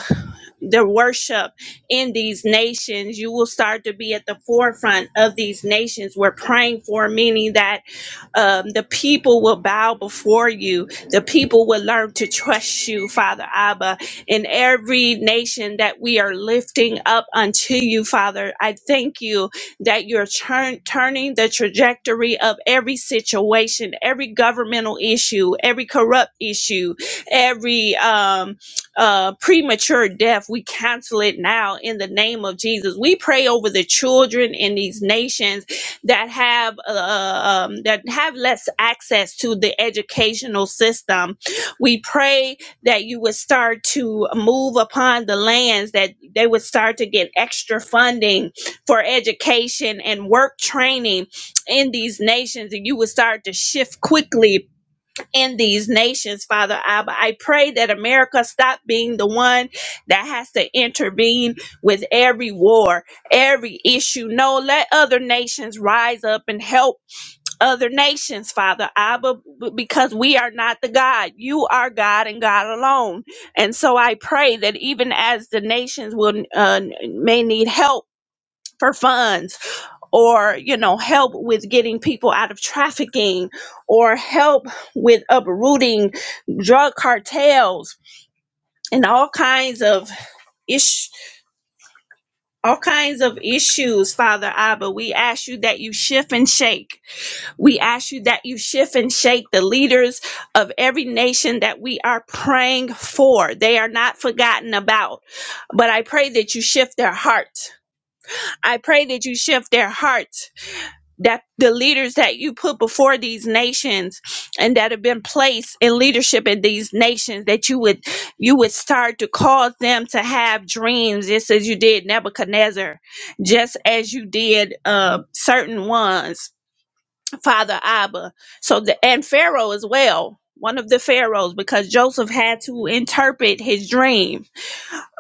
the worship in these nations. You will start to be at the forefront of these nations. We're praying for, meaning that um, the people will bow before you. The people will learn to trust you, Father Abba. In every nation that we are lifting up unto you, Father, I thank you that you're turn, turning the trajectory of every situation, every governmental issue, every corrupt issue, every um, uh, premature death. We cancel it now in the name of Jesus. We pray over the children in these nations that have uh, um, that have less access to the educational system. We pray that you would start to move upon the lands that they would start to get extra funding for education and work training in these nations, and you would start to shift quickly in these nations, Father Abba. I pray that America stop being the one that has to intervene with every war, every issue. No, let other nations rise up and help other nations, Father Abba, b- because we are not the God. You are God and God alone. And so I pray that even as the nations will uh, may need help for funds or you know help with getting people out of trafficking or help with uprooting drug cartels and all kinds of ish all kinds of issues father abba we ask you that you shift and shake we ask you that you shift and shake the leaders of every nation that we are praying for they are not forgotten about but i pray that you shift their hearts i pray that you shift their hearts that the leaders that you put before these nations and that have been placed in leadership in these nations that you would you would start to cause them to have dreams just as you did nebuchadnezzar just as you did uh, certain ones father abba so the and pharaoh as well one of the pharaohs because joseph had to interpret his dream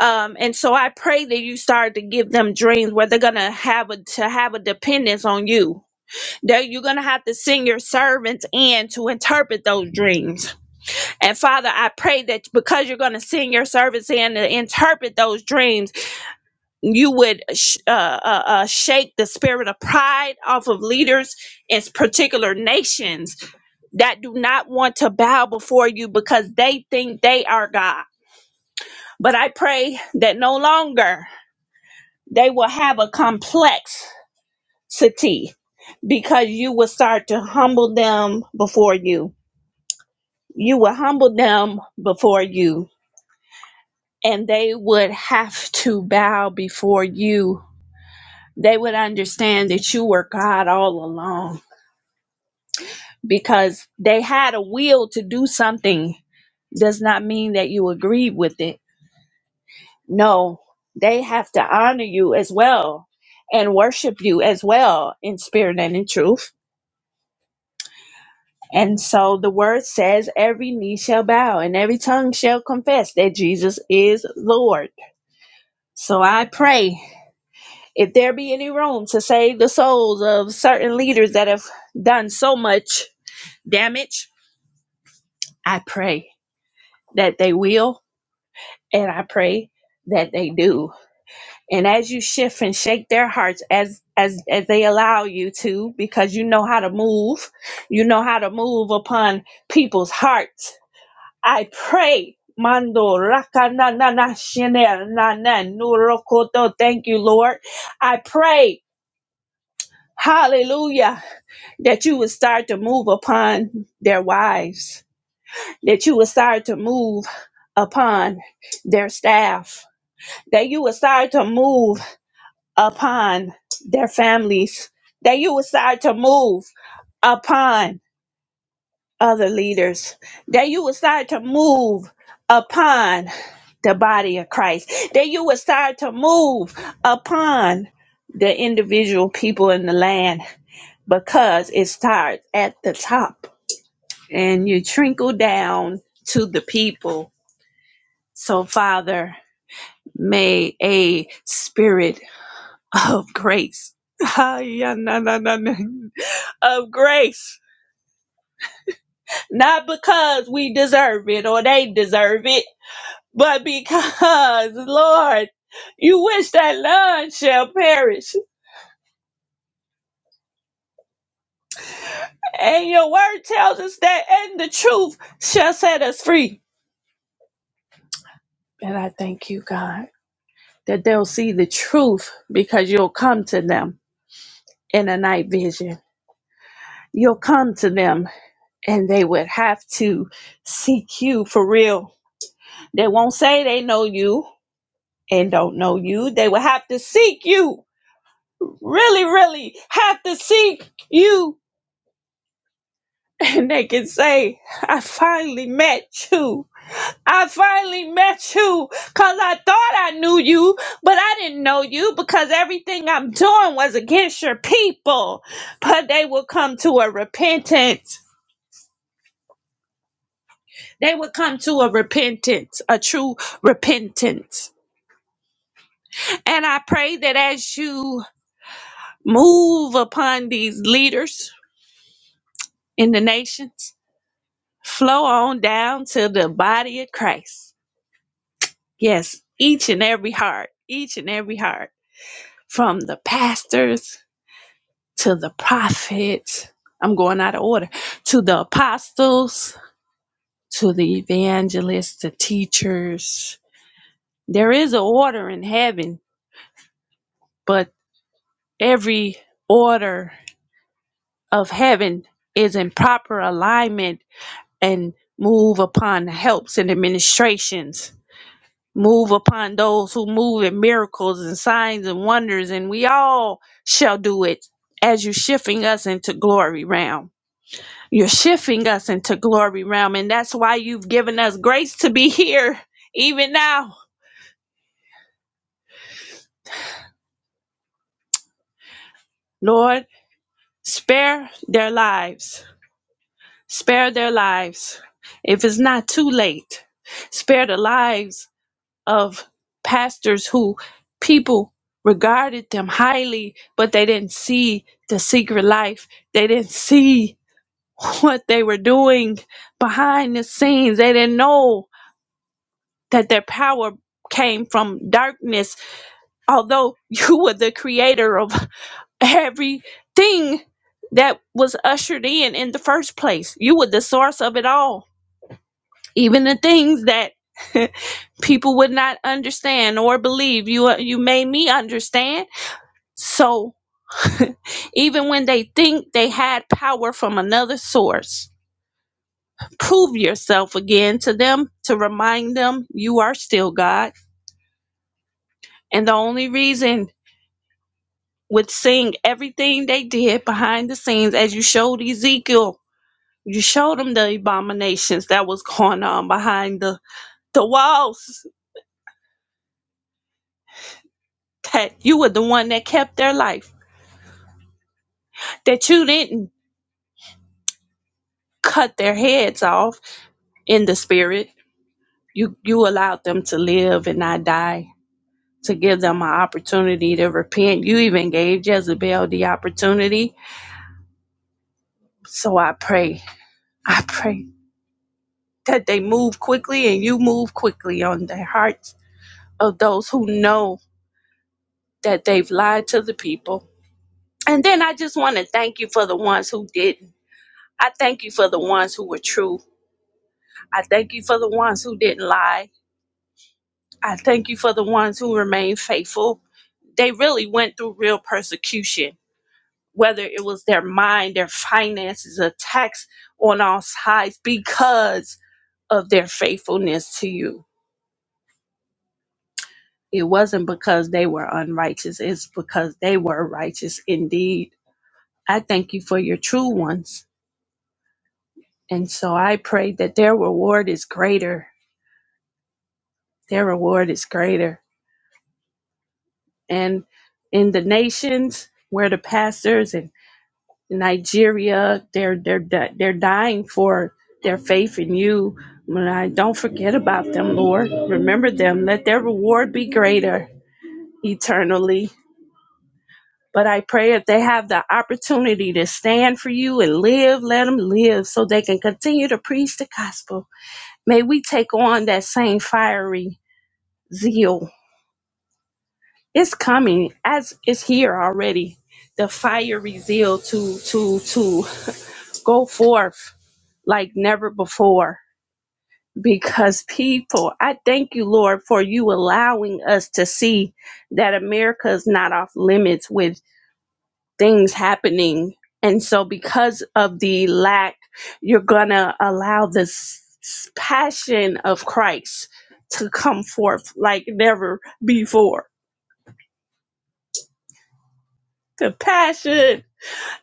um, and so i pray that you start to give them dreams where they're gonna have a to have a dependence on you that you're going to have to send your servants in to interpret those dreams. And Father, I pray that because you're going to send your servants in to interpret those dreams, you would sh- uh, uh, uh, shake the spirit of pride off of leaders in particular nations that do not want to bow before you because they think they are God. But I pray that no longer they will have a complexity because you will start to humble them before you you would humble them before you, and they would have to bow before you. They would understand that you were God all along because they had a will to do something, does not mean that you agree with it. No, they have to honor you as well and worship you as well in spirit and in truth. And so the word says, every knee shall bow and every tongue shall confess that Jesus is Lord. So I pray If there be any room to save the souls of certain leaders that have done so much damage, I pray that they will, and I pray that they do. And as you shift and shake their hearts as as as they allow you to, because you know how to move, you know how to move upon people's hearts. I pray. Mando raka na na na shene na na nuro Thank you, Lord. I pray. Hallelujah that you would start to move upon their wives, that you would start to move upon their staff, that you would start to move upon their families, that you would start to move upon other leaders, that you would start to move upon the body of Christ, that you would start to move upon the individual people in the land because it starts at the top and you trickle down to the people. So, Father, may a spirit of grace, of grace, not because we deserve it or they deserve it, but because, Lord, you wish that none shall perish. And your word tells us that, and the truth shall set us free. And I thank you, God, that they'll see the truth because you'll come to them in a night vision. You'll come to them and they would have to seek you for real. They won't say they know you and don't know you. They will have to seek you. Really, really have to seek you. And they can say, I finally met you. I finally met you because I thought I knew you, but I didn't know you because everything I'm doing was against your people. But they will come to a repentance they would come to a repentance, a true repentance. And I pray that as you move upon these leaders in the nations, flow on down to the body of Christ. Yes, each and every heart, each and every heart, from the pastors to the prophets. I'm going out of order to the apostles, to the evangelists, the teachers. There is an order in heaven, but every order of heaven is in proper alignment and move upon the helps and administrations move upon those who move in miracles and signs and wonders and we all shall do it as you're shifting us into glory realm you're shifting us into glory realm and that's why you've given us grace to be here even now lord spare their lives Spare their lives if it's not too late. Spare the lives of pastors who people regarded them highly, but they didn't see the secret life. They didn't see what they were doing behind the scenes. They didn't know that their power came from darkness. Although you were the creator of everything that was ushered in in the first place, you were the source of it all even the things that people would not understand or believe you uh, you made me understand so even when they think they had power from another source prove yourself again to them to remind them you are still god and the only reason with seeing everything they did behind the scenes as you showed ezekiel you showed them the abominations that was going on behind the the walls that you were the one that kept their life that you didn't cut their heads off in the spirit. You you allowed them to live and not die, to give them an opportunity to repent. You even gave Jezebel the opportunity. So I pray, I pray that they move quickly and you move quickly on the hearts of those who know that they've lied to the people. And then I just want to thank you for the ones who didn't. I thank you for the ones who were true. I thank you for the ones who didn't lie. I thank you for the ones who remain faithful. They really went through real persecution, whether it was their mind, their finances, attacks on all sides because of their faithfulness to you. It wasn't because they were unrighteous, it's because they were righteous indeed. I thank you for your true ones. And so I pray that their reward is greater. Their reward is greater. And in the nations where the pastors and Nigeria, they're they're di- they're dying for their faith in you. When I don't forget about them, Lord, remember them. Let their reward be greater eternally. But I pray if they have the opportunity to stand for you and live, let them live so they can continue to preach the gospel. May we take on that same fiery zeal. It's coming as it's here already. The fiery zeal to to to go forth like never before because people, I thank you, Lord, for you allowing us to see that America is not off limits with things happening. And so, because of the lack, you're going to allow this passion of Christ to come forth like never before. The passion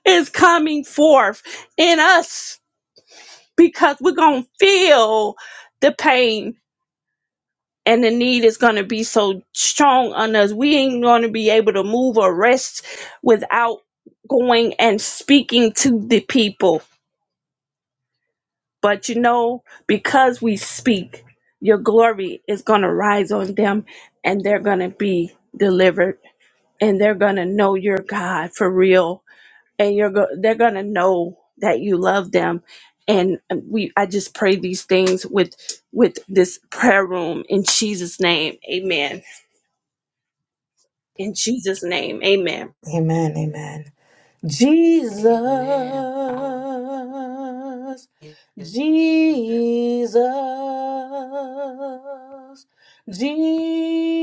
is coming forth in us because we're going to feel the pain and the need is going to be so strong on us. We ain't going to be able to move or rest without going and speaking to the people. But you know, because we speak, your glory is going to rise on them and they're going to be delivered and they're going to know your God for real and you're go- they're going to know that you love them and we I just pray these things with with this prayer room in Jesus name. Amen. In Jesus' name, amen. Amen. Amen. Amen. Hallelujah. Jesus, Jesus, Jesus.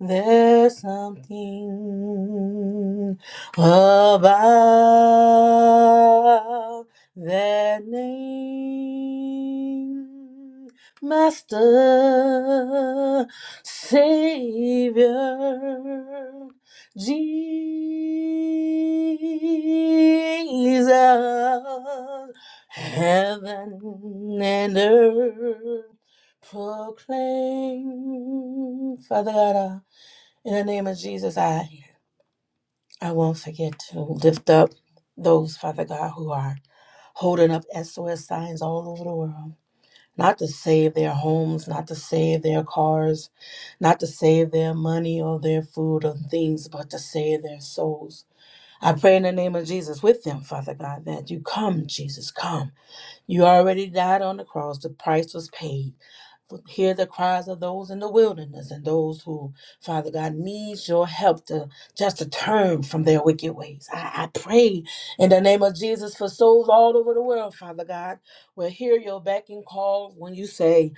There's something about that name, Master. Savior Jesus, heaven and earth proclaim. Father God, uh, in the name of Jesus, I I won't forget to lift up those Father God who are holding up SOS signs all over the world not to save their homes, not to save their cars, not to save their money or their food or things, but to save their souls. I pray in the name of Jesus with them, Father God, that you come, Jesus, come. You already died on the cross, the price was paid. Hear the cries of those in the wilderness and those who, Father God, needs your help to just to turn from their wicked ways. I, I pray in the name of Jesus for souls all over the world, Father God, will hear your backing call when you say,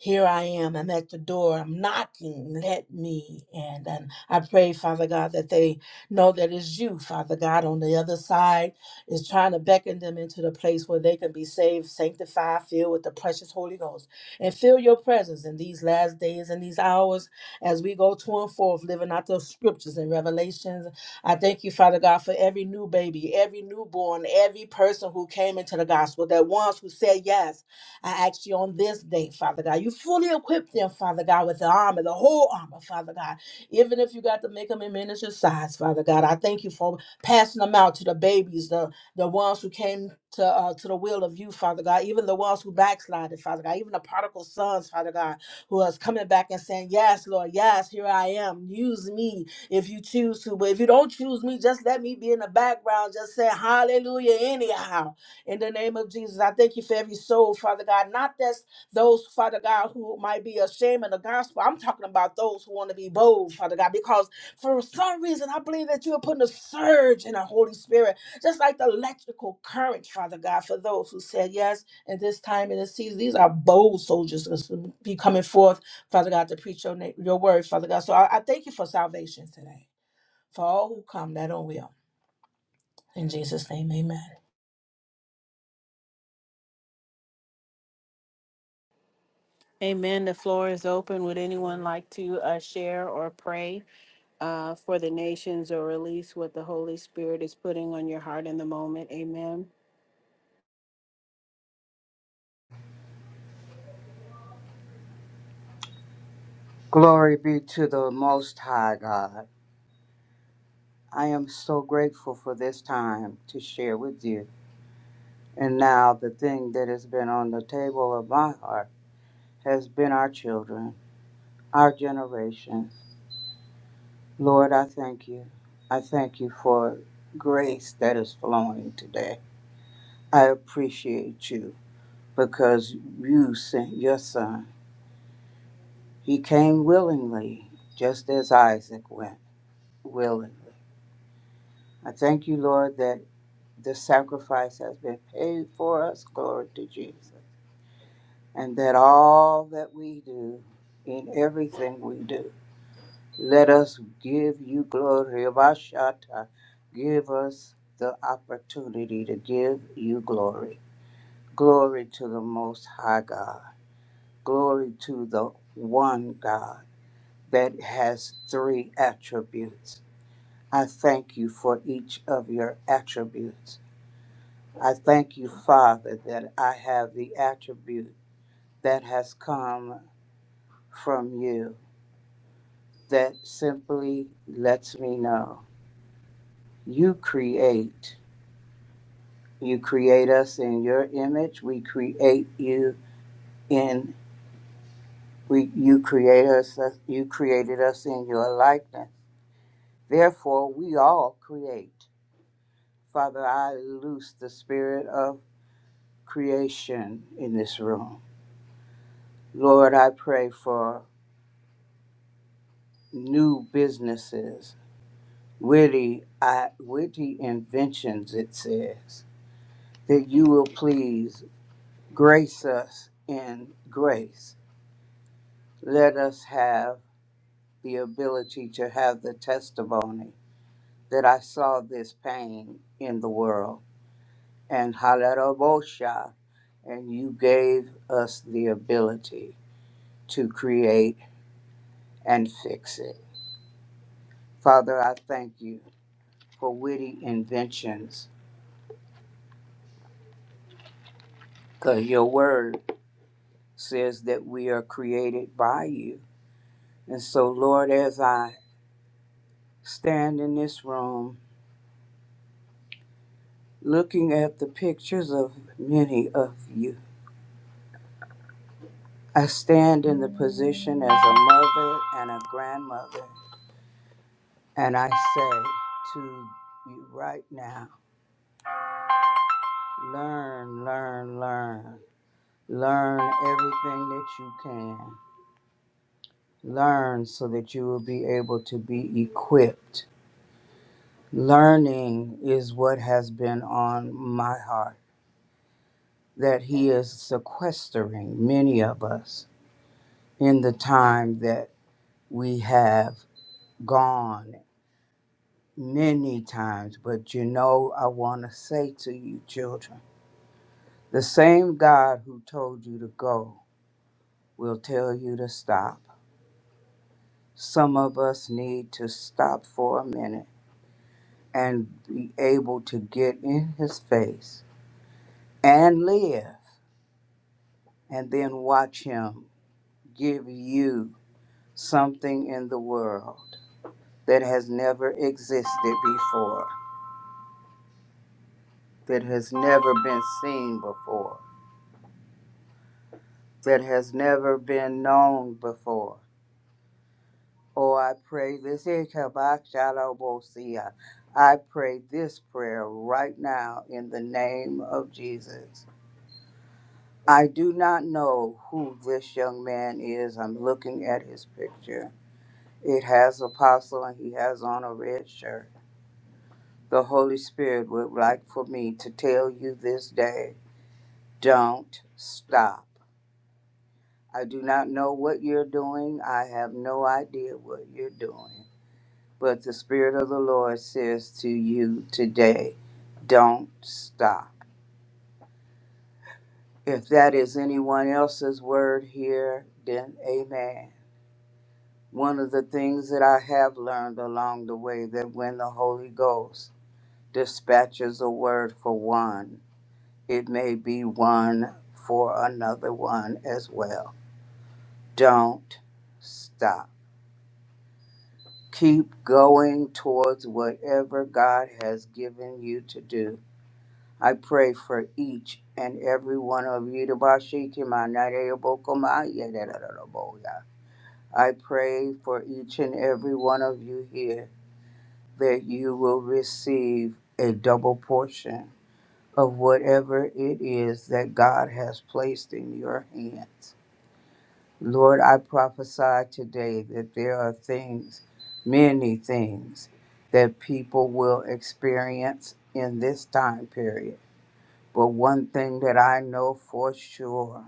here I am. I'm at the door. I'm knocking. Let me in. And I pray, Father God, that they know that it's you, Father God, on the other side is trying to beckon them into the place where they can be saved, sanctified, filled with the precious Holy Ghost, and feel your presence in these last days and these hours as we go to and forth, living out the scriptures and revelations. I thank you, Father God, for every new baby, every newborn, every person who came into the gospel, that ones who said yes. I ask you on this day, Father God, you fully equip them, Father God, with the armor, the whole armor, Father God. Even if you got to make them in miniature size, Father God, I thank you for passing them out to the babies, the the ones who came to uh, to the will of you, Father God, even the ones who backslided, Father God, even the prodigal sons, Father God, who is coming back and saying, Yes, Lord, yes, here I am. Use me if you choose to. But if you don't choose me, just let me be in the background. Just say hallelujah anyhow. In the name of Jesus, I thank you for every soul, Father God. Not just those, Father God, who might be ashamed of the gospel. I'm talking about those who want to be bold, Father God, because for some reason, I believe that you are putting a surge in the Holy Spirit just like the electrical current, Father God, for those who said yes in this time in the season. These are bold soldiers that's to be coming forth, Father God, to preach your, name, your word, Father God. So I, I thank you for salvation today, for all who come that don't will. In Jesus' name, amen. Amen. The floor is open. Would anyone like to uh, share or pray uh, for the nations or release what the Holy Spirit is putting on your heart in the moment? Amen. Glory be to the Most High God. I am so grateful for this time to share with you. And now, the thing that has been on the table of my heart has been our children, our generation. Lord, I thank you. I thank you for grace that is flowing today. I appreciate you because you sent your son. He came willingly, just as Isaac went willingly. I thank you, Lord, that. The sacrifice has been paid for us. Glory to Jesus. And that all that we do, in everything we do, let us give you glory. Abashata. Give us the opportunity to give you glory. Glory to the Most High God. Glory to the one God that has three attributes. I thank you for each of your attributes. I thank you, Father, that I have the attribute that has come from you that simply lets me know you create. You create us in your image. We create you in we you create us you created us in your likeness. Therefore we all create. Father, I loose the spirit of creation in this room. Lord, I pray for new businesses witty, I, witty inventions, it says, that you will please grace us in grace. Let us have the ability to have the testimony that I saw this pain in the world. And Halarabosha, and you gave us the ability to create and fix it. Father, I thank you for witty inventions, because your word says that we are created by you. And so, Lord, as I stand in this room looking at the pictures of many of you, I stand in the position as a mother and a grandmother, and I say to you right now learn, learn, learn. Learn everything that you can. Learn so that you will be able to be equipped. Learning is what has been on my heart that He is sequestering many of us in the time that we have gone many times. But you know, I want to say to you, children, the same God who told you to go will tell you to stop. Some of us need to stop for a minute and be able to get in His face and live, and then watch Him give you something in the world that has never existed before, that has never been seen before, that has never been known before. Oh, I pray this. Ikabashalobosia. I pray this prayer right now in the name of Jesus. I do not know who this young man is. I'm looking at his picture. It has apostle and he has on a red shirt. The Holy Spirit would like for me to tell you this day Don't stop. I do not know what you're doing. I have no idea what you're doing. But the Spirit of the Lord says to you today, don't stop. If that is anyone else's word here, then amen. One of the things that I have learned along the way that when the Holy Ghost dispatches a word for one, it may be one for another one as well. Don't stop. Keep going towards whatever God has given you to do. I pray for each and every one of you. I pray for each and every one of you here that you will receive a double portion of whatever it is that God has placed in your hands. Lord, I prophesy today that there are things, many things, that people will experience in this time period. But one thing that I know for sure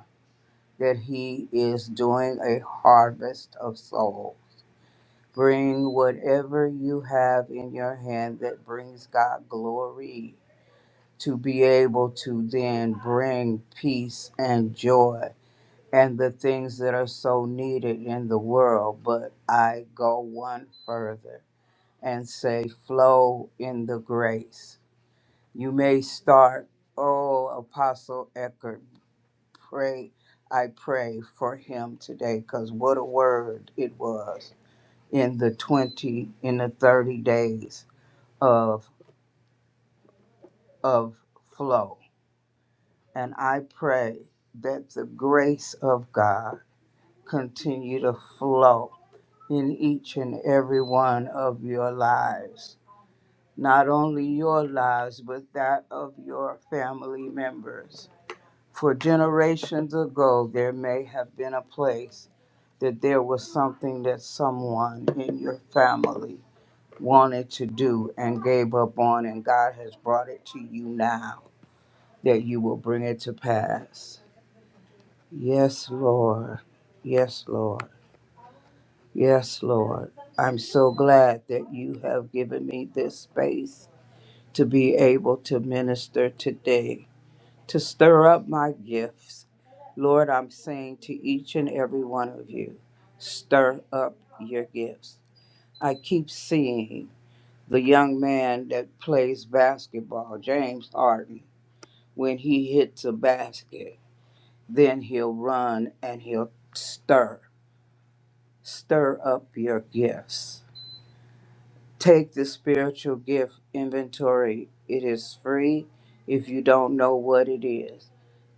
that He is doing a harvest of souls. Bring whatever you have in your hand that brings God glory to be able to then bring peace and joy and the things that are so needed in the world, but I go one further and say, flow in the grace. You may start, oh, Apostle Eckert, pray, I pray for him today, because what a word it was in the 20, in the 30 days of, of flow. And I pray that the grace of God continue to flow in each and every one of your lives. Not only your lives, but that of your family members. For generations ago, there may have been a place that there was something that someone in your family wanted to do and gave up on, and God has brought it to you now that you will bring it to pass. Yes, Lord. Yes, Lord. Yes, Lord. I'm so glad that you have given me this space to be able to minister today, to stir up my gifts. Lord, I'm saying to each and every one of you, stir up your gifts. I keep seeing the young man that plays basketball, James Harden, when he hits a basket, then he'll run and he'll stir, stir up your gifts Take the spiritual gift inventory. It is free if you don't know what it is.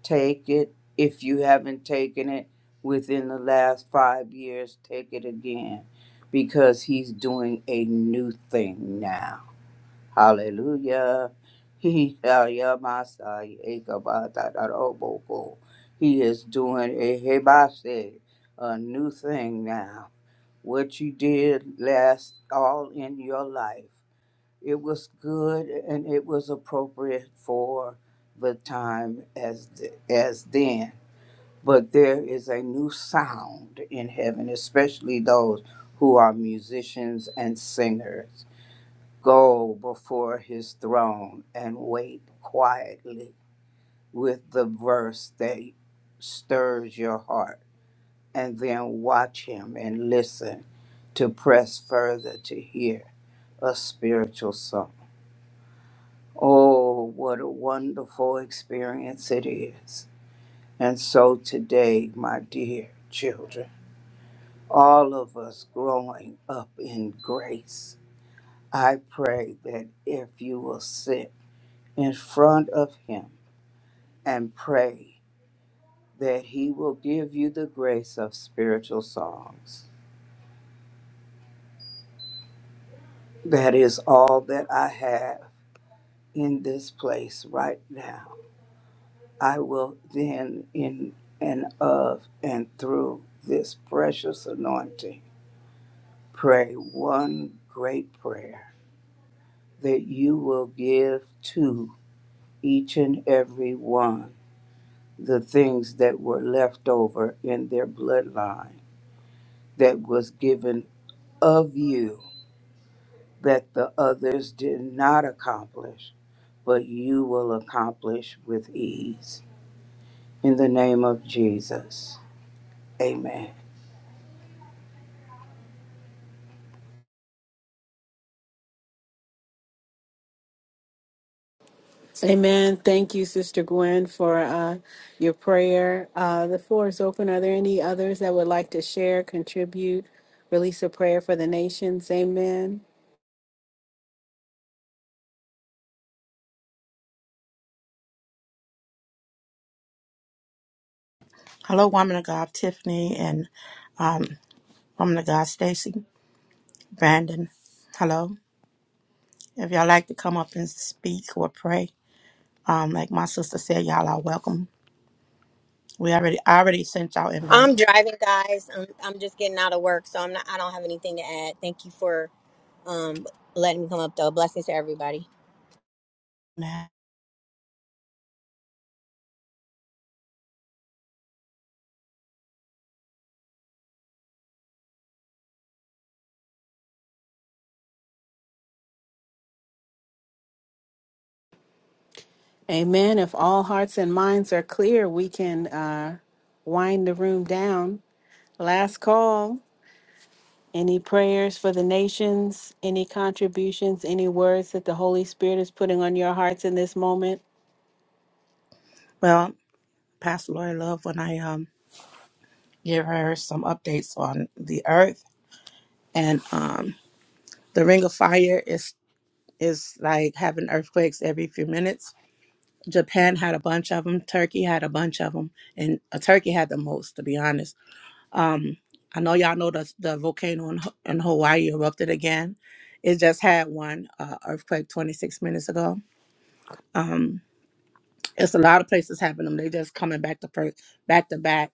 Take it if you haven't taken it within the last five years. Take it again because He's doing a new thing now. Hallelujah. He Yamasai, Ekabata, Daroboko. He is doing a hebase, a new thing now. What you did last all in your life it was good and it was appropriate for the time as as then. But there is a new sound in heaven, especially those who are musicians and singers. Go before his throne and wait quietly with the verse that stirs your heart, and then watch him and listen to press further to hear a spiritual song. Oh, what a wonderful experience it is. And so today, my dear children, all of us growing up in grace, I pray that if you will sit in front of Him and pray that He will give you the grace of spiritual songs. That is all that I have in this place right now. I will then, in and of and through this precious anointing, pray one great prayer that you will give to each and every one the things that were left over in their bloodline that was given of you that the others did not accomplish, but you will accomplish with ease. In the name of Jesus, amen. Amen. Thank you, Sister Gwen, for uh, your prayer. Uh, the floor is open. Are there any others that would like to share, contribute, release a prayer for the nations? Amen. Hello, woman of God, Tiffany, and woman of God, Stacy, Brandon. Hello. If y'all like to come up and speak or pray, um, like my sister said, y'all are welcome. We already, I already sent y'all invite. I'm driving, guys. I'm I'm just getting out of work, so I'm not. I don't have anything to add. Thank you for um letting me come up, though. Blessings to everybody. Amen. If all hearts and minds are clear, we can uh, wind the room down. Last call. Any prayers for the nations? Any contributions? Any words that the Holy Spirit is putting on your hearts in this moment? Well, Pastor Lori Love, when I um give her some updates on the earth and um the Ring of Fire is is like having earthquakes every few minutes. Japan had a bunch of them. Turkey had a bunch of them, and uh, Turkey had the most, to be honest Um, I know y'all know the the volcano in, Ho- in Hawaii erupted again. It just had one uh, earthquake 26 minutes ago. Um, it's a lot of places happening. They just coming back to first, back to back.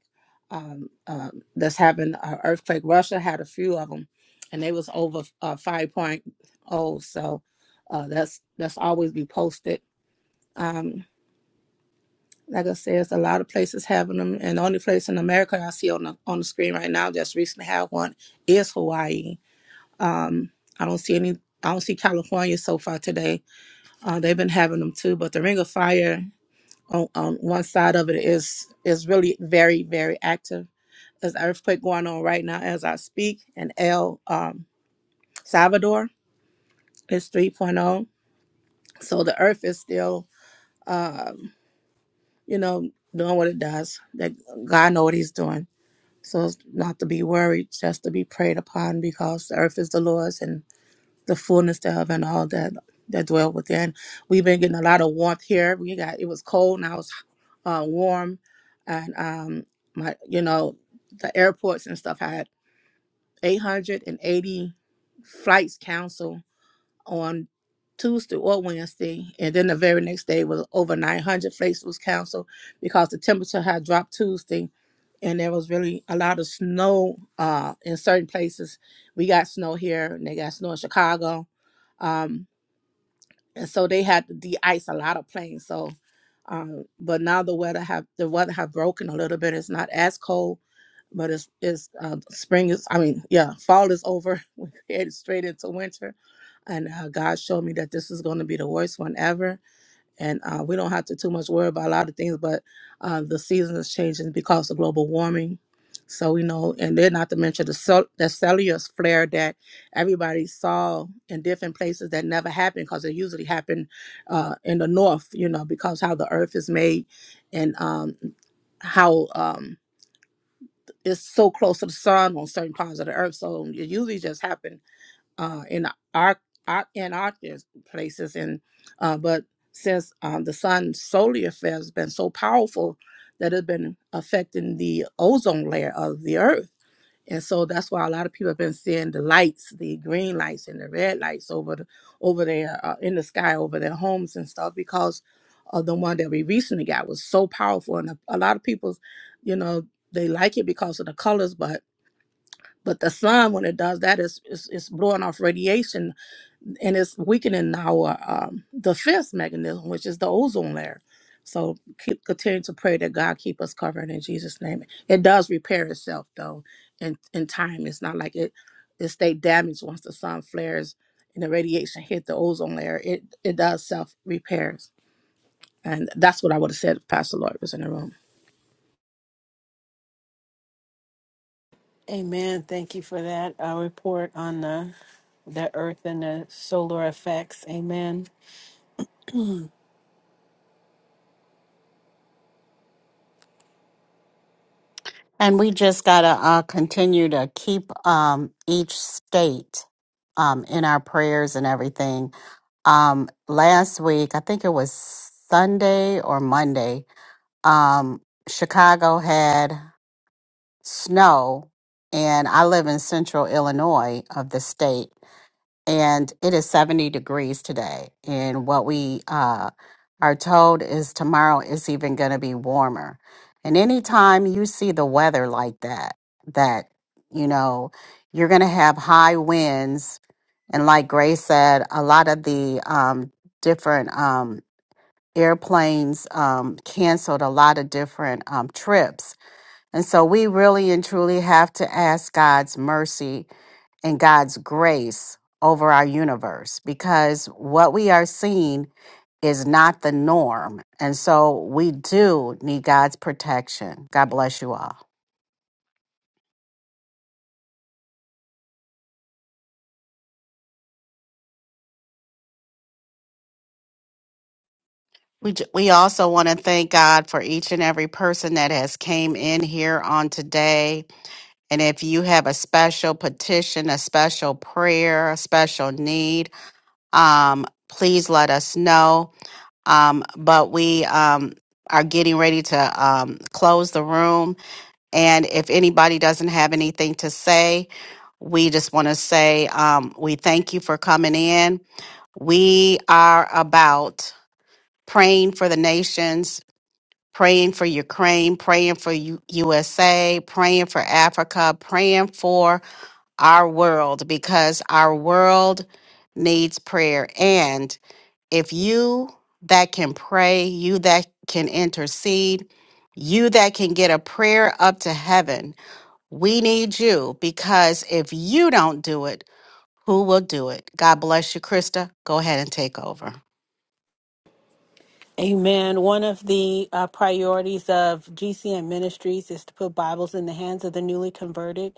Um, uh, that's having an earthquake. Russia had a few of them, and they was over uh, 5.0. So uh, that's that's always be posted. Um, like I said, it's a lot of places having them, and the only place in America I see on the on the screen right now just recently had one is Hawaii Um, I don't see any. I don't see California so far today. Uh, they've been having them too, but the Ring of Fire on, on one side of it is is really very very active. There's an earthquake going on right now as I speak in El um, Salvador. It's 3.0, so the Earth is still, um, you know, doing what it does. That God know what He's doing. So it's not to be worried, just to be prayed upon, because the Earth is the Lord's and the fullness thereof and all that that dwell within. We've been getting a lot of warmth here. We got it was cold, now it's uh, warm, and um, my you know the airports and stuff had 880 flights canceled on Tuesday or Wednesday, and then the very next day was over 900 flights was canceled because the temperature had dropped Tuesday. And there was really a lot of snow uh, in certain places. We got snow here, and they got snow in Chicago. Um, and so they had to de-ice a lot of planes. So, um, but now the weather have the weather have broken a little bit. It's not as cold, but it's it's uh, spring is. I mean, yeah, fall is over. We headed straight into winter, and uh, God showed me that this is going to be the worst one ever and uh, we don't have to too much worry about a lot of things. But uh, the season is changing because of global warming. So we know, and then not to mention the cell, the cellular flare that everybody saw in different places that never happened because it usually happened uh, in the north, you know, because how the earth is made and um, how um, it's so close to the sun on certain parts of the earth. So it usually just happens uh, in our, our in our dis- places. And uh, but since um, the sun solar effect has been so powerful that it's been affecting the ozone layer of the earth. And so that's why a lot of people have been seeing the lights, the green lights and the red lights over the, over there uh, in the sky over their homes and stuff because of the one that we recently got was so powerful. And a, a lot of people, you know, they like it because of the colors, but but the sun when it does that is it's, it's blowing off radiation and it's weakening our um, defense mechanism, which is the ozone layer. So keep continue to pray that God keep us covered in Jesus' name. It does repair itself though, in in time. It's not like it it stay damaged once the sun flares and the radiation hit the ozone layer. It it does self repairs, and that's what I would have said if Pastor Lloyd was in the room. Amen. Thank you for that uh, report on the, the earth and the solar effects. Amen. And we just got to uh, continue to keep um, each state um, in our prayers and everything. Um, last week, I think it was Sunday or Monday, um, Chicago had snow, and I live in central Illinois of the state. and it is 70 degrees today. And what we uh, are told is tomorrow is even going to be warmer. And anytime you see the weather like that, that, you know, you're going to have high winds. And like Grace said, a lot of the um, different um, airplanes um, canceled a lot of different um, trips. And so we really and truly have to ask God's mercy and God's grace over our universe because what we are seeing is not the norm. And so we do need God's protection. God bless you all. We, j- we also want to thank God for each and every person that has came in here on today. And if you have a special petition, a special prayer, a special need, um, please let us know. Um, but we um, are getting ready to um, close the room. And if anybody doesn't have anything to say, we just want to say um, we thank you for coming in. We are about praying for the nations, praying for Ukraine, praying for U- USA, praying for Africa, praying for our world because our world needs prayer. And if you that can pray, you that can intercede, you that can get a prayer up to heaven we need you because if you don't do it, who will do it? God bless you, Krista. Go ahead and take over. Amen. One of the uh, priorities of GCM Ministries is to put Bibles in the hands of the newly converted.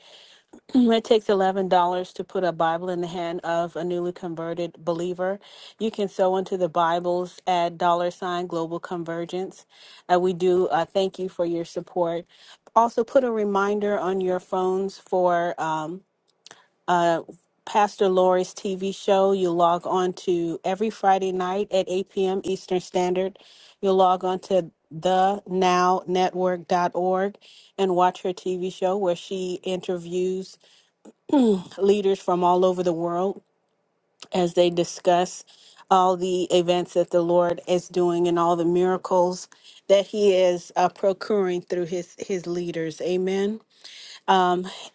It takes eleven dollars to put a Bible in the hand of a newly converted believer. You can sow into the Bibles at dollar sign global convergence. Uh, we do uh, thank you for your support. Also, put a reminder on your phones for um, uh, Pastor Lori's TV show. You log on to every Friday night at 8 p.m. Eastern Standard. You'll log on to the now network.org and watch her TV show where she interviews leaders from all over the world as they discuss all the events that the Lord is doing and all the miracles that He is uh, procuring through His His leaders. Amen.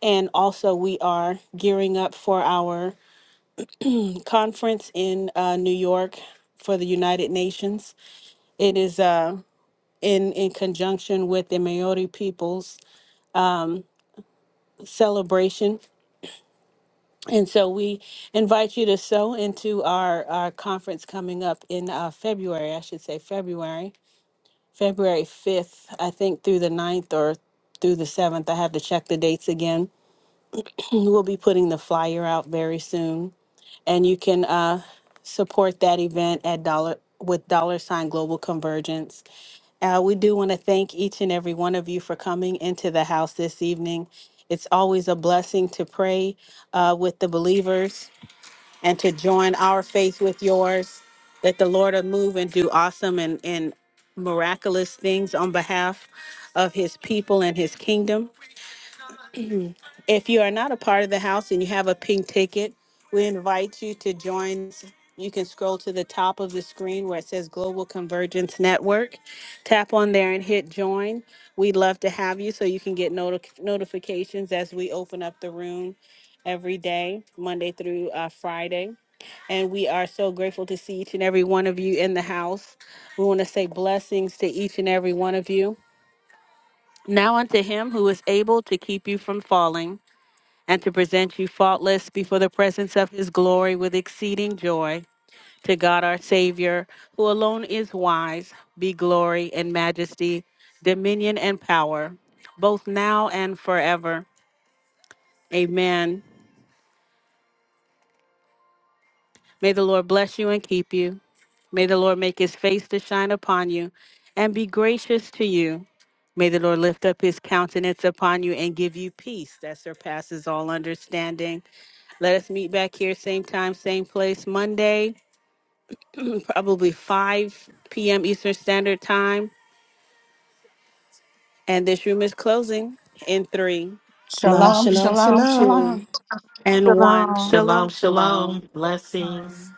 And also, we are gearing up for our conference in uh, New York for the United Nations. It is uh, in in conjunction with the Maori peoples celebration And so we invite you to sew into our, our conference coming up in uh, February, I should say February, February 5th, I think through the ninth or through the 7th. I have to check the dates again. We'll be putting the flyer out very soon. And you can uh, support that event at dollar with dollar sign global convergence. Uh, we do want to thank each and every one of you for coming into the house this evening. It's always a blessing to pray uh, with the believers and to join our faith with yours, that the Lord will move and do awesome and, and miraculous things on behalf of his people and his kingdom. If you are not a part of the house and you have a pink ticket, we invite you to join. You can scroll to the top of the screen where it says Global Convergence Network. Tap on there and hit join. We'd love to have you so you can get noti- notifications as we open up the room every day, Monday through uh, Friday. And we are so grateful to see each and every one of you in the house. We want to say blessings to each and every one of you. Now unto him who is able to keep you from falling and to present you faultless before the presence of his glory with exceeding joy. To God our Savior, who alone is wise, be glory and majesty, dominion and power, both now and forever. Amen. May the Lord bless you and keep you. May the Lord make his face to shine upon you and be gracious to you. May the Lord lift up his countenance upon you and give you peace that surpasses all understanding. Let us meet back here, same time, same place, Monday, probably 5 p.m. Eastern Standard Time. And this room is closing in three Shalom, shalom, shalom. and one. Shalom. Shalom, Shalom, shalom. shalom. Blessings. Shalom.